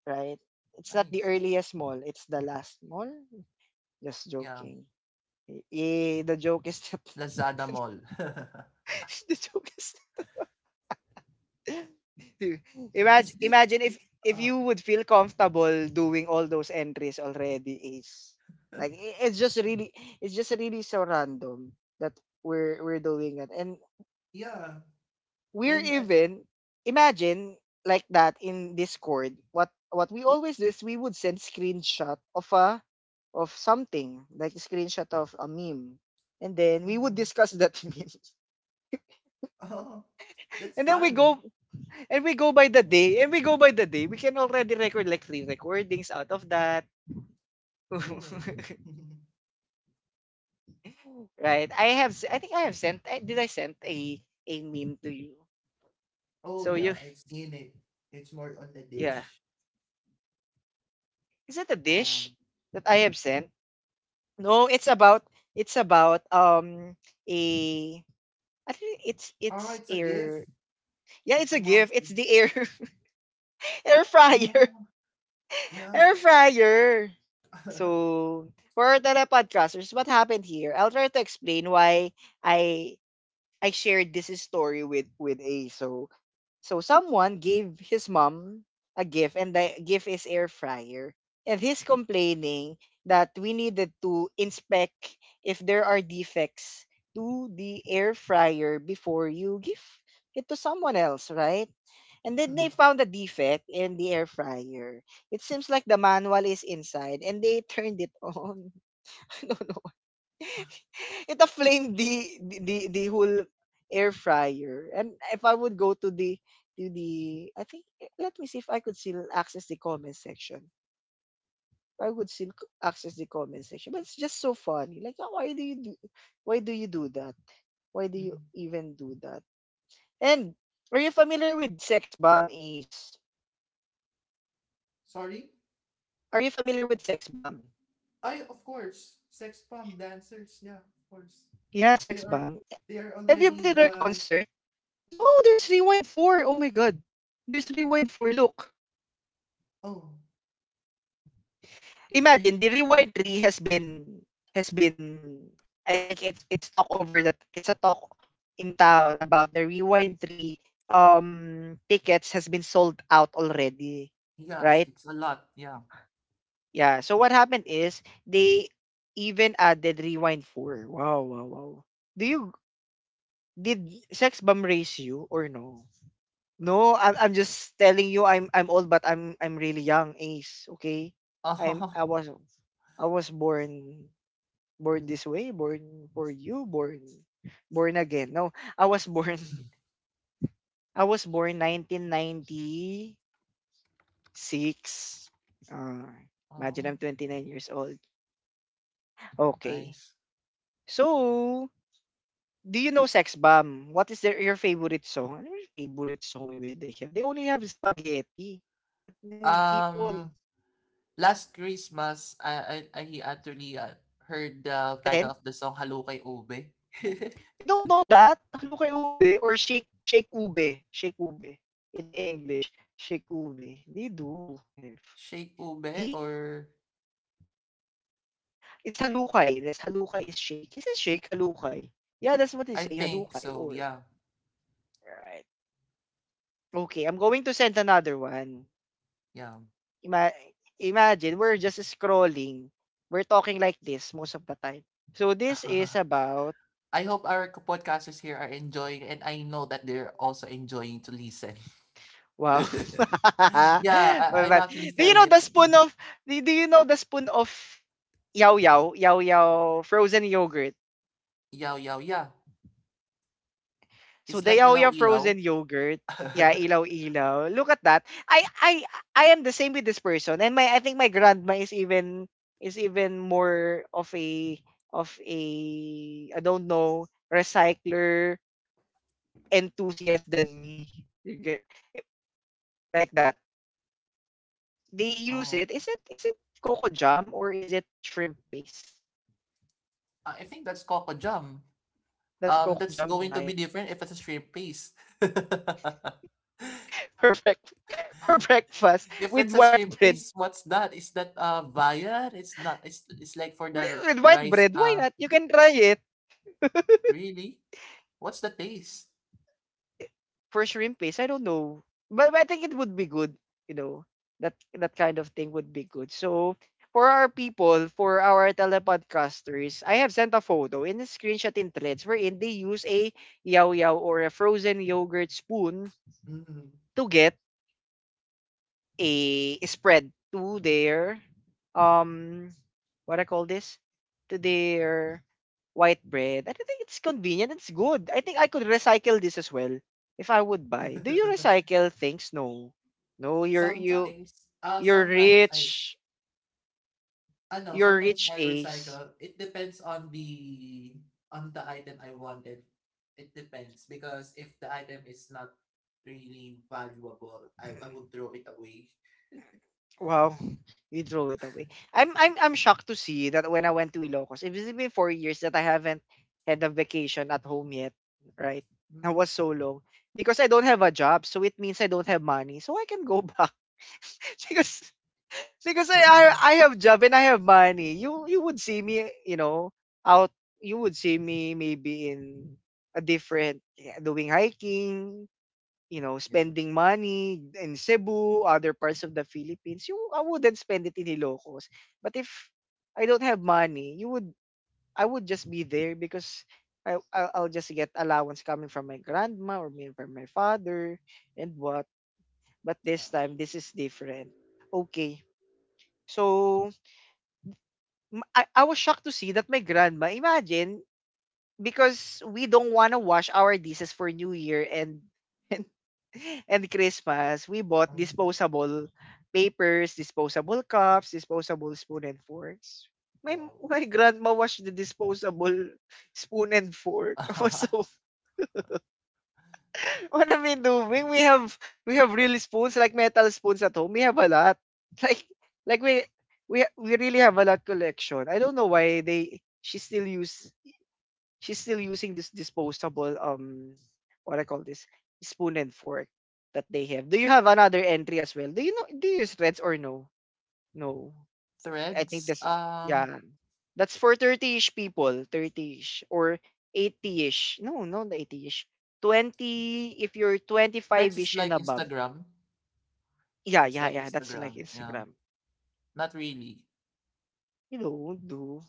S1: right? It's not the
S2: nice.
S1: earliest mall, it's the last mall. Just
S2: Yeah.
S1: joking. Eh, the joke is
S2: Lazada Mall.
S1: the joke is
S2: Is this
S1: imagine
S2: is
S1: if you would feel comfortable doing all those entries already is like it's just really so random that we're doing that and
S2: yeah.
S1: we're
S2: And
S1: even imagine like that in Discord. What we always do is we would send screenshot of something like a screenshot of a meme, and then we would
S2: mhm.
S1: discuss that meme.
S2: Oh, that's
S1: And then we
S2: fun.
S1: go and we go by the day and we go by the day. We can already record like 3 recordings out of that.
S2: Oh.
S1: Right? I think I have did I send a meme to you?
S2: Oh
S1: So you
S2: yeah, I've seen it. It's more on the
S1: yeah.
S2: dish.
S1: Is it a dish
S2: Um,
S1: that I have sent? No, it's about it's about um a I think
S2: ah,
S1: it's
S2: it's a gift.
S1: air. Yeah,
S2: It's
S1: it's a
S2: a mom's
S1: gift. It's
S2: gift.
S1: the air air fryer.
S2: Oh, yeah.
S1: Air fryer. So for our telepodcasters, what happened here? I'll try to explain why I I shared this story with A. So someone gave his mom a gift and the gift is air fryer. And he's complaining that we needed to inspect if there are defects to the air fryer before you give it to someone else, right? And then they found a defect in the air fryer. It seems like the manual is inside and they turned it on. It aflame the whole air fryer. And if I would go to the I think let me see if I could still access the comment section. I would still access the comment section, but it's just so funny. Like, "Oh, why do you do? Why do you do that? Why do you
S2: Mhm.
S1: even do that?" And are you familiar with Sex Bomb Ace?
S2: Sorry?
S1: Are you familiar with Sex Bomb?
S2: I of course, sex bomb dancers. Yeah, of course.
S1: Yeah,
S2: They
S1: Sex
S2: are
S1: Bomb. Have you been
S2: already
S1: to their
S2: the
S1: concert? No, there's Rewind 4. Oh my God. There's Rewind 4. Look.
S2: oh
S1: Imagine the rewind tree has been has been I think it's talk over that it's a talk in town about the rewind tree tickets has been sold out already.
S2: yes,
S1: Right?
S2: it's a lot. Yeah.
S1: Yeah. So what happened is they even added rewind four. Wow, wow, wow. Do you did sex bomb raise you or no? No, I'm just telling you I'm old but I'm really young, Ace. Okay. I'm I was I was born born this way, born for you, born born again. No, I was born
S2: Oh.
S1: I was born 1996. Uh, imagine
S2: Oh,
S1: I'm 29 years old. Okay.
S2: nice.
S1: So, do you know Sex Bomb? What is their your favorite song? Ano yung favorite song with they have? They only have spaghetti. But no,
S2: Um,
S1: people,
S2: last Christmas, I actually heard the
S1: attend.
S2: title of the song Halukay Ube.
S1: You don't know that? Hello kay Ube or Shake Shake Ube. Shake Ube in English. Shake Ube. They do have.
S2: Shake Ube
S1: Hey,
S2: or
S1: it's halukay. That's halukay is shake. Is it shake halukay? Yeah, that's what they
S2: I
S1: say,
S2: think
S1: halukay.
S2: so.
S1: Or
S2: Yeah,
S1: right. Okay, I'm going to send another one.
S2: yeah.
S1: Ima- Imagine we're just scrolling. We're talking like this most of the time. So this is about
S2: I hope our podcasters here are enjoying, and I know that they're also enjoying to listen.
S1: wow. Well,
S2: Yeah, I'm
S1: but-
S2: actually
S1: do you
S2: feel
S1: know
S2: it.
S1: the spoon of do you know the spoon of yao yao yao yao frozen yogurt?
S2: Yow yow yeah.
S1: So
S2: It's
S1: the
S2: like ilaw
S1: Yaoya
S2: ilaw.
S1: frozen yogurt. Yeah, ilaw ilaw. Look at that. I I am the same with this person. And my I think my grandma is even more of a I don't know recycler enthusiast than me. You get- it- Like that. They use
S2: Oh,
S1: it. Is it coco jam or is it shrimp paste?
S2: I think that's Coco Jam.
S1: That's coco
S2: That's
S1: jam,
S2: going to be
S1: right?
S2: different if it's a shrimp paste.
S1: For breakfast for breakfast
S2: If
S1: with
S2: it's a
S1: white
S2: shrimp
S1: bread.
S2: paste, what's that? Is that viand? It's not. It's like for the
S1: With, with white
S2: rice.
S1: bread, why not? You can try it
S2: Really? What's the taste?
S1: for shrimp paste, I don't know. But I think it would be good, you know. That kind of thing would be good. So for our telepodcasters, I have sent a photo in a screenshot in threads wherein they use a yaw yaw or a frozen yogurt spoon
S2: Mm.
S1: to get a spread to their um what I call this to their white bread. I think it's convenient. It's good. I think I could recycle this as well if I would buy. Do you recycle things? No, no.
S2: Sometimes,
S1: You're
S2: sometimes I
S1: rich.
S2: Ano,
S1: You're
S2: sometimes
S1: rich,
S2: I
S1: Ace.
S2: recycle. It depends on the item I wanted. It depends, because if the item is not really valuable, I would throw it away.
S1: Wow, you throw it away. I'm shocked to see that when I went to Ilocos, it has been 4 years that I haven't had a vacation at home yet, right? That
S2: Mhm.
S1: was so long because I don't have a job, so it means I don't have money, so I can go back. because because I have job and I have money. You would see me, you know, out. You would see me maybe in a different, yeah, doing hiking, you know,
S2: Yeah,
S1: spending money in Cebu, other parts of the Philippines. You I wouldn't spend it in Ilocos. But if I don't have money, you would I would just be there because I'll just get allowance coming from my grandma or me from my father and what. But this
S2: yeah.
S1: time this is different. Okay. So I was shocked to see that my grandma, imagine, because we don't want to wash our dishes for New Year and and, and Christmas, we bought
S2: Mhm.
S1: disposable papers, disposable cups, disposable spoon and forks. My
S2: Wow.
S1: my grandma washed the disposable spoon and fork. I was so, what am I doing? We have real spoons like metal spoons at home. We have a lot. Like like we we really have a lot collection. I don't know why they she still use she's still using this disposable what I call this spoon and fork that they have. Do you have another entry as well? Do you use threads or no? No. I think
S2: Threads.
S1: that's, yeah, that's for 30ish people, 30ish or 80ish. No, no, the 80ish. 20 if you're
S2: Threads is
S1: 25ish and
S2: like
S1: above.
S2: Instagram.
S1: Yeah,
S2: It's
S1: yeah,
S2: like
S1: yeah, that's like
S2: Instagram, yeah.
S1: Instagram.
S2: Not really.
S1: You don't do.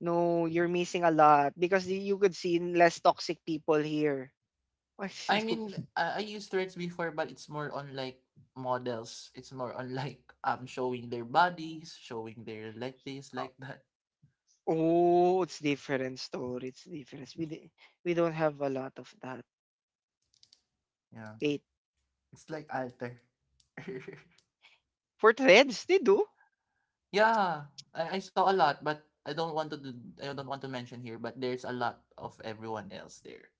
S1: No, you're missing a lot because you could see less toxic people here. Why is
S2: I mean,
S1: it-
S2: I used Threads before, but it's more on like models. It's more on like showing their bodies, showing their like this, like that.
S1: Oh, it's different story. It's different. We don't have a lot of that.
S2: Yeah,
S1: Wait,
S2: it's like alter.
S1: for threads they do.
S2: Yeah, I saw a lot, but I don't want to mention here. But there's a lot of everyone else there.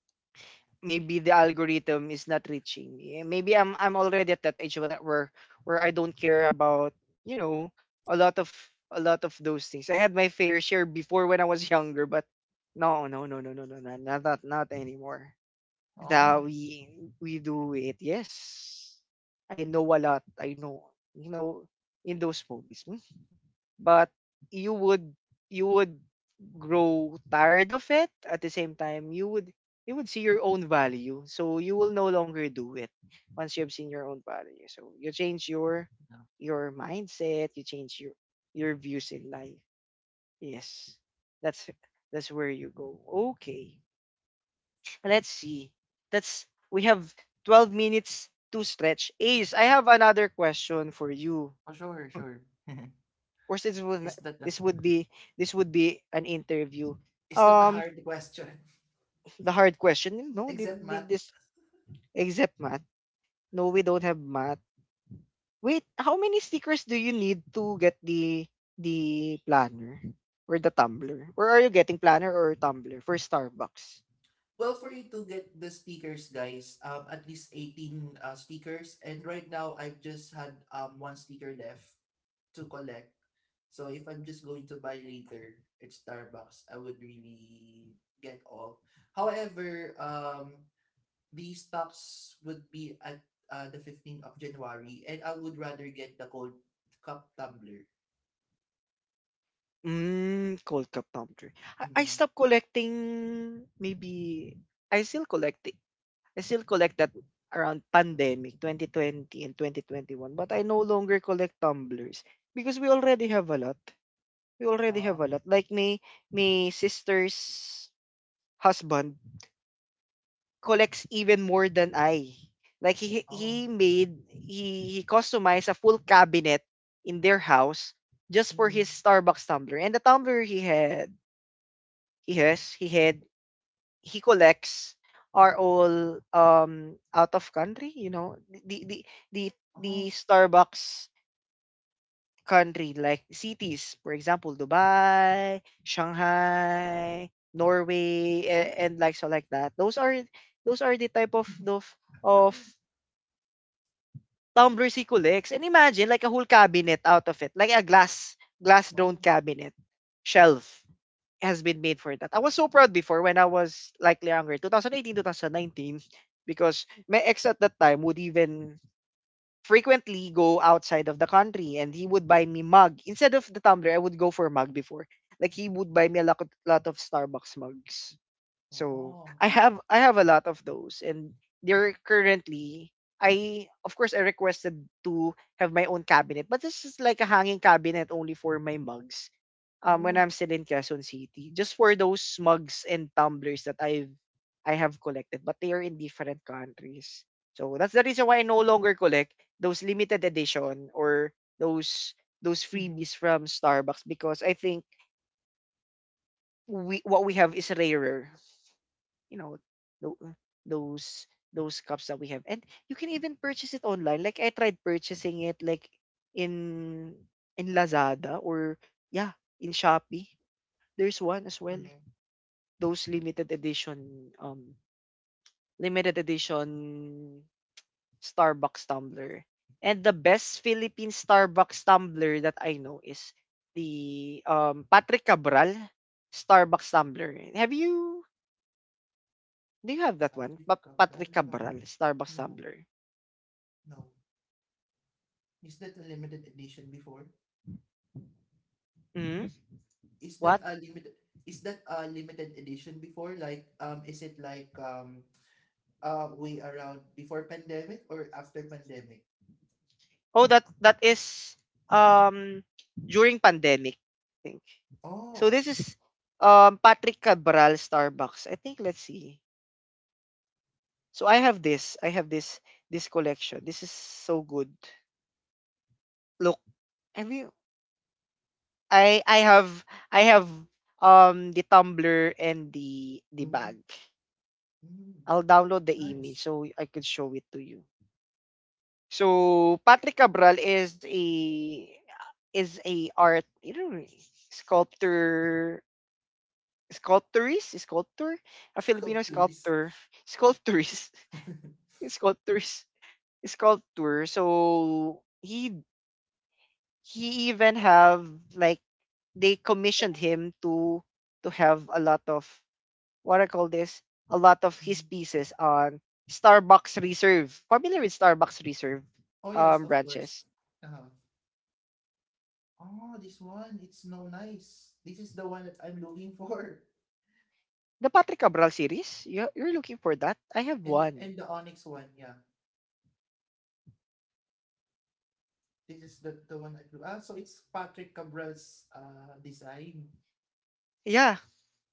S1: Maybe the algorithm is not reaching me. Eh, maybe I'm already at that age where I don't care about, you know, a lot of a lot of those things. I had my fair share before when I was younger, but no no no no no no no not not, not anymore.
S2: Oh,
S1: Now we do it. Yes, I know a lot. I know, you know, in those movies. Hmm? But you would you would grow tired of it. At the same time, you would see your own value, so you will no longer do it. Once you have seen your own value, so you change your
S2: yeah.
S1: your mindset, you change your views in life. Yes, that's where you go. Okay, let's see. That's we have 12 minutes to stretch, Ace. I have another question for
S2: Oh,
S1: you.
S2: sure, sure.
S1: Course,
S2: Is that the
S1: this would be an interview. Um,
S2: hard question?
S1: the hard question. No,
S2: Except math.
S1: did this except math? No, we don't have math. Wait, how many stickers do you need to get the planner or the tumbler? Or are you getting planner or tumbler for Starbucks?
S2: Well, for you to get the speakers, guys, at least 18 speakers. And right now, I've just had one sticker left to collect. So if I'm just going to buy later at Starbucks, I would really get all. However, these stocks would be at the 15th of January, and I would rather get the cold cup tumbler.
S1: Mm, cold cup tumbler. I
S2: Mm.
S1: stopped collecting maybe I still collect I still collect that around pandemic 2020 and 2021, but I no longer collect tumblers because we already have a lot. We already
S2: Uh,
S1: have a lot. Like me, my sister's husband collects even more than I. Like
S2: oh,
S1: he made he customized a full cabinet in their house just for his
S2: mm.
S1: Starbucks tumbler. And the tumbler he had he has he had he collects are all, um, out of country, you know, the the the
S2: Oh,
S1: the Starbucks country, like cities, for example, Dubai, Shanghai, Norway, and,
S2: oh.
S1: and like so, like that. Those are the type of tumblers he collects. And imagine like a whole cabinet out of it, like a glass glass dome
S2: Oh,
S1: cabinet shelf has been made for that. I was so proud before when I was like younger, 2018, 2019, because my ex at that time would even frequently go outside of the country and he would buy me mug. Instead of the tumbler, I would go for mug before. Like he would buy me a lot, lot of Starbucks mugs. So
S2: oh,
S1: I have a lot of those and they're currently I of course I requested to have my own cabinet, but this is like a hanging cabinet only for my mugs, um, when
S2: oh.
S1: I'm still in Quezon City, just for those mugs and tumblers that I have collected, but they are in different countries. So that's the reason why I no longer collect those limited edition or those those freebies from Starbucks because I think we what we have is rarer. You know, tho- those those cups that we have, and you can even purchase it online. Like I tried purchasing it like in in Lazada, or yeah, in Shopee. There's one as well.
S2: Uh-huh.
S1: Those limited edition, um, limited edition Starbucks tumbler. And the best Philippine Starbucks tumbler that I know is the Patrick Cabral Starbucks tumbler. Have you do you have that one?
S2: Patrick Cabral?
S1: Patrick
S2: No,
S1: Cabral Starbucks
S2: no,
S1: tumbler.
S2: No. Is that a limited edition before?
S1: Mm?
S2: Is that
S1: What?
S2: a limited? Is that a limited edition before? Like, is it like way around before pandemic or after pandemic?
S1: Oh, that that is, um, during pandemic, I think. So
S2: Oh,
S1: this is, um, Patrick Cabral Starbucks. I think let's see. So I have this. This collection. This is so good. Look, have you? I I have I have, um, the tumbler and the
S2: mm-hmm.
S1: bag.
S2: Mm,
S1: I'll download the image
S2: nice
S1: so I could show it to you. So Patrick Cabral is a art, you know, sculptor sculptor, a Filipino
S2: sculptures.
S1: sculptor sculptorist sculptorist sculptor, so he even have like they commissioned him to have a lot of, what I call this, a lot of his
S2: Mhm.
S1: pieces on Starbucks Reserve. Familiar with Starbucks Reserve
S2: Oh yes, of course.
S1: branches?
S2: Uh-huh. Oh, this one, it's no nice. This is the one that I'm looking for,
S1: The Patrick Cabral series? You're looking for that? I have
S2: and
S1: one.
S2: the onyx one, yeah. This is the one I blew. Ah, so it's Patrick Cabral's design,
S1: Yeah.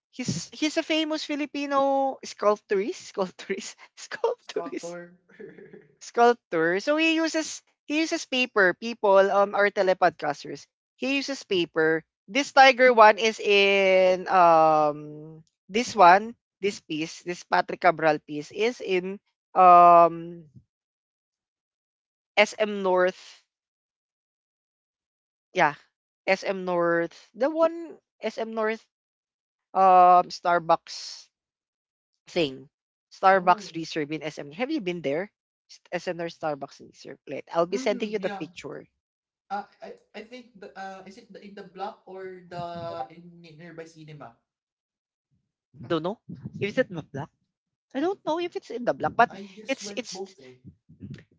S1: He's a famous Filipino sculptorist, sculptorist, sculptorist.
S2: sculptor.
S1: Sculptor. So he uses paper. People, um, are telepodcasters. He uses paper. This tiger one is in, um, this Patrick Cabral piece is in, um, SM North, yeah, SM North, the one SM North Starbucks thing
S2: Oh,
S1: Starbucks reserve in SM. Have you been there? SM North Starbucks reserve. Wait, I'll be sending
S2: mm,
S1: you the
S2: yeah.
S1: picture.
S2: I think the, is it the, in the block, or the in nearby cinema?
S1: Don't know. If it's in the black? I don't know if it's in the black, but
S2: I just
S1: it's
S2: went
S1: it's
S2: both, eh.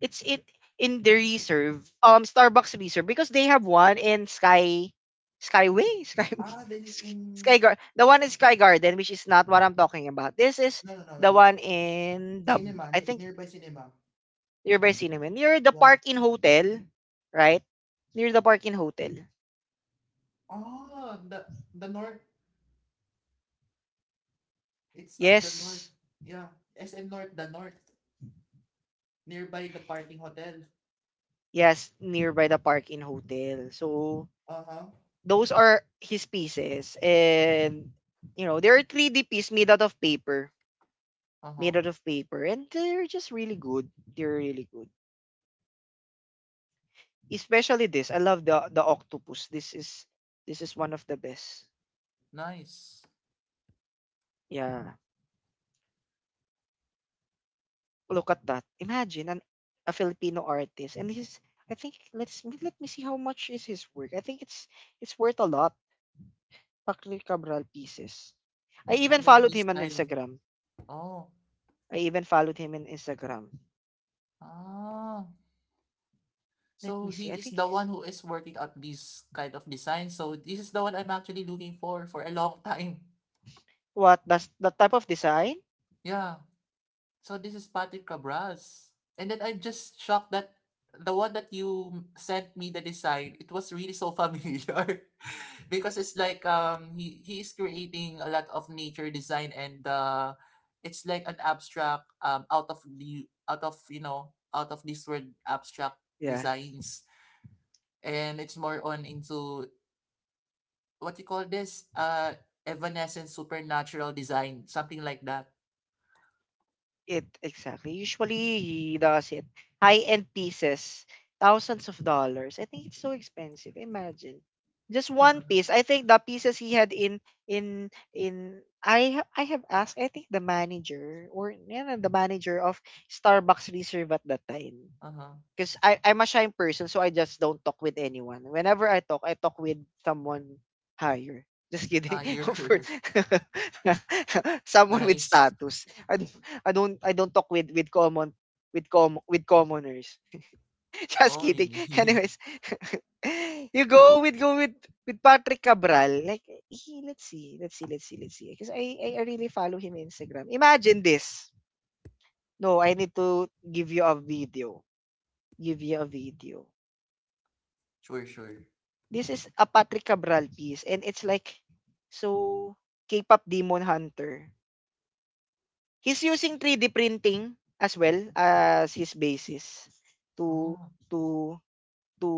S1: it's in the reserve. Starbucks reserve because they have one in Sky Skyway Sky
S2: Ah, this is in
S1: The one in Sky Garden, which is not what I'm talking about. This is
S2: no no no no
S1: the
S2: no
S1: one in the
S2: cinema
S1: I think
S2: nearby cinema.
S1: nearby cinema near the
S2: Yeah.
S1: Park in Hotel, right? Near the Park in Hotel.
S2: Ah, the north. It's up the north.
S1: Yes,
S2: Yeah, SM North, the north, nearby the parking hotel.
S1: yes, nearby the Park in Hotel. So
S2: Uh huh.
S1: those are his pieces. And, you know, they're 3D piece made out of paper.
S2: Uh huh.
S1: Made out of paper. And they're just really good. They're really good. Especially this. I love the octopus. This is one of the best.
S2: Nice.
S1: Yeah. Look at that. Imagine an a Filipino artist. And his I think let's let me see how much is his work. I think it's worth a lot. Patrick Cabral pieces. I
S2: I
S1: even
S2: like
S1: followed
S2: his
S1: him on
S2: style.
S1: Instagram.
S2: Oh.
S1: I even followed him on Instagram.
S2: Ah.
S1: Let me
S2: So
S1: see. I
S2: he is
S1: think
S2: the one who is working out these kind of designs. So this is the one I'm actually looking for a long time.
S1: what does that type of design?
S2: Yeah. So this is Patrick Cabras. And then I'm just shocked that the one that you sent me the design, it was really so familiar. Because it's like he is creating a lot of nature design and it's like an abstract, out of, you know, out of this word abstract
S1: Yeah.
S2: designs, and it's more on into what you call this evanescent supernatural design, something like that.
S1: It exactly. Usually he does it high-end pieces, thousands of dollars. I think it's so expensive. Imagine. Just one piece. I think the pieces he had in I have asked, I think the manager or yeah, the manager of Starbucks Reserve at that time.
S2: Uh-huh.
S1: Because I'm a shy person, so I just don't talk with anyone. Whenever I talk with someone higher. Just kidding. Of course,
S2: Higher.
S1: someone with
S2: Nice.
S1: status. I don't talk with commoners. Just
S2: Oh,
S1: kidding. Anyways, you go with with Patrick Cabral. Like he, let's see, let's see, let's see, let's see. Because I really follow him on Instagram. Imagine this. No, I need to give you a video. Give you a video.
S2: sure, sure.
S1: This is a Patrick Cabral piece and it's like so K-pop demon hunter. He's using 3D printing as well as his basis to
S2: Oh,
S1: to to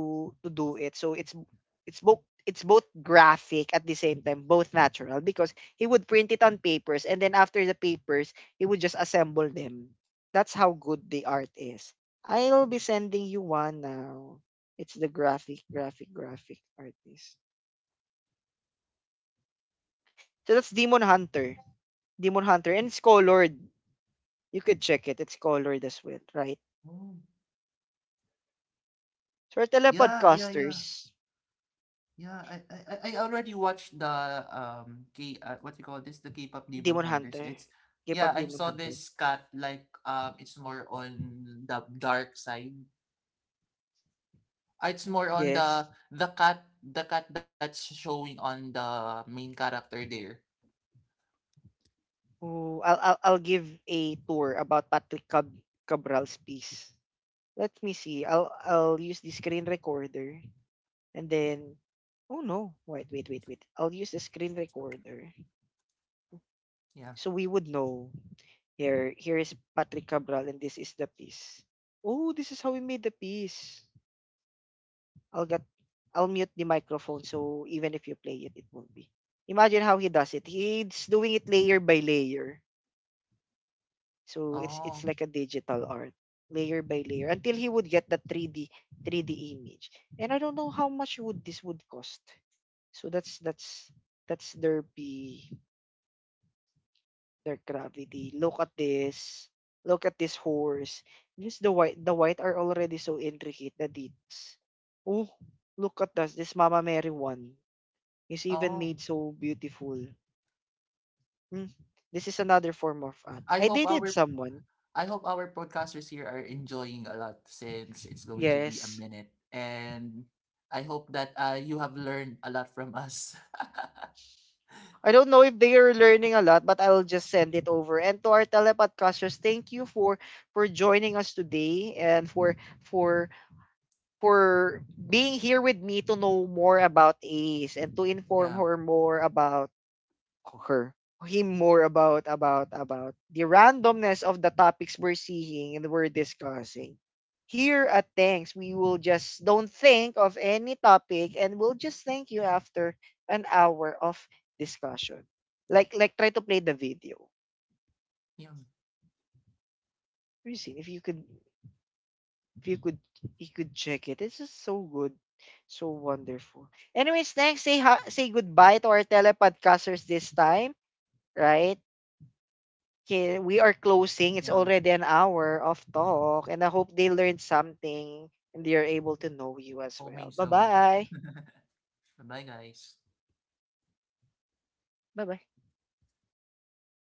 S1: to do it. So it's both, it's both graphic at the same time, both natural because he would print it on papers and then after the papers, he would just assemble them. That's how good the art is. I'll be sending you one now. It's the graphic, graphic, graphic artist. So that's Demon Hunter. Demon Hunter. And it's colored. You could check it. It's colored as well, right?
S2: oh,
S1: So for
S2: yeah, yeah, yeah,
S1: telepodcasters,
S2: yeah. I already watched the K what you call this, the K-pop Demon
S1: Demon
S2: Hunters.
S1: Hunter.
S2: It's
S1: Give
S2: yeah,
S1: up
S2: I
S1: Demon
S2: saw
S1: Hunter.
S2: this cat like it's more on the dark side. It's more on
S1: Yes.
S2: the cat, the cat that's showing on the main character there.
S1: Oh, I'll give a tour about Cabral's piece. Let me see. I'll use the screen recorder. And then, oh no. Wait, wait, wait, wait. I'll use the screen recorder.
S2: Yeah.
S1: So we would know. Here, here is Patrick Cabral and this is the piece. Oh, this is how we made the piece. I'll get I'll mute the microphone so even if you play it, it won't be. Imagine how he does it. He's doing it layer by layer. So
S2: Oh,
S1: it's like a digital art, layer by layer, until he would get the 3D 3D image. And I don't know how much would this would cost. So that's their be their gravity. Look at this. Look at this horse. Just the white are already so intricate the details. Oh, look at this. This Mama Mary one is even
S2: oh.
S1: made so beautiful. Hmm, this is another form of art.
S2: I
S1: I
S2: hope
S1: dated
S2: our
S1: someone.
S2: I hope our podcasters here are enjoying a lot, since it's going to be a
S1: Yes.
S2: minute. And I hope that you have learned a lot from us.
S1: I don't know if they are learning a lot, but I'll just send it over. And to our telepodcasters, thank you for joining us today and for for for being here with me to know more about Ace and to inform
S2: Yeah.
S1: her more about her him more about the randomness of the topics we're seeing and we're discussing. Here at Thanks, we will just don't think of any topic and we'll just thank you after an hour of discussion. Like try to play the video.
S2: Yeah.
S1: Christine, if you could if you could you could check it. It's just so good. So wonderful. Anyways, thanks. Say say goodbye to our telepodcasters this time, right? Okay, we are closing. It's
S2: Yeah.
S1: already an hour of talk, and I hope they learned something and they are able to know you as well.
S2: Homing
S1: Bye
S2: so.
S1: bye.
S2: Bye, guys.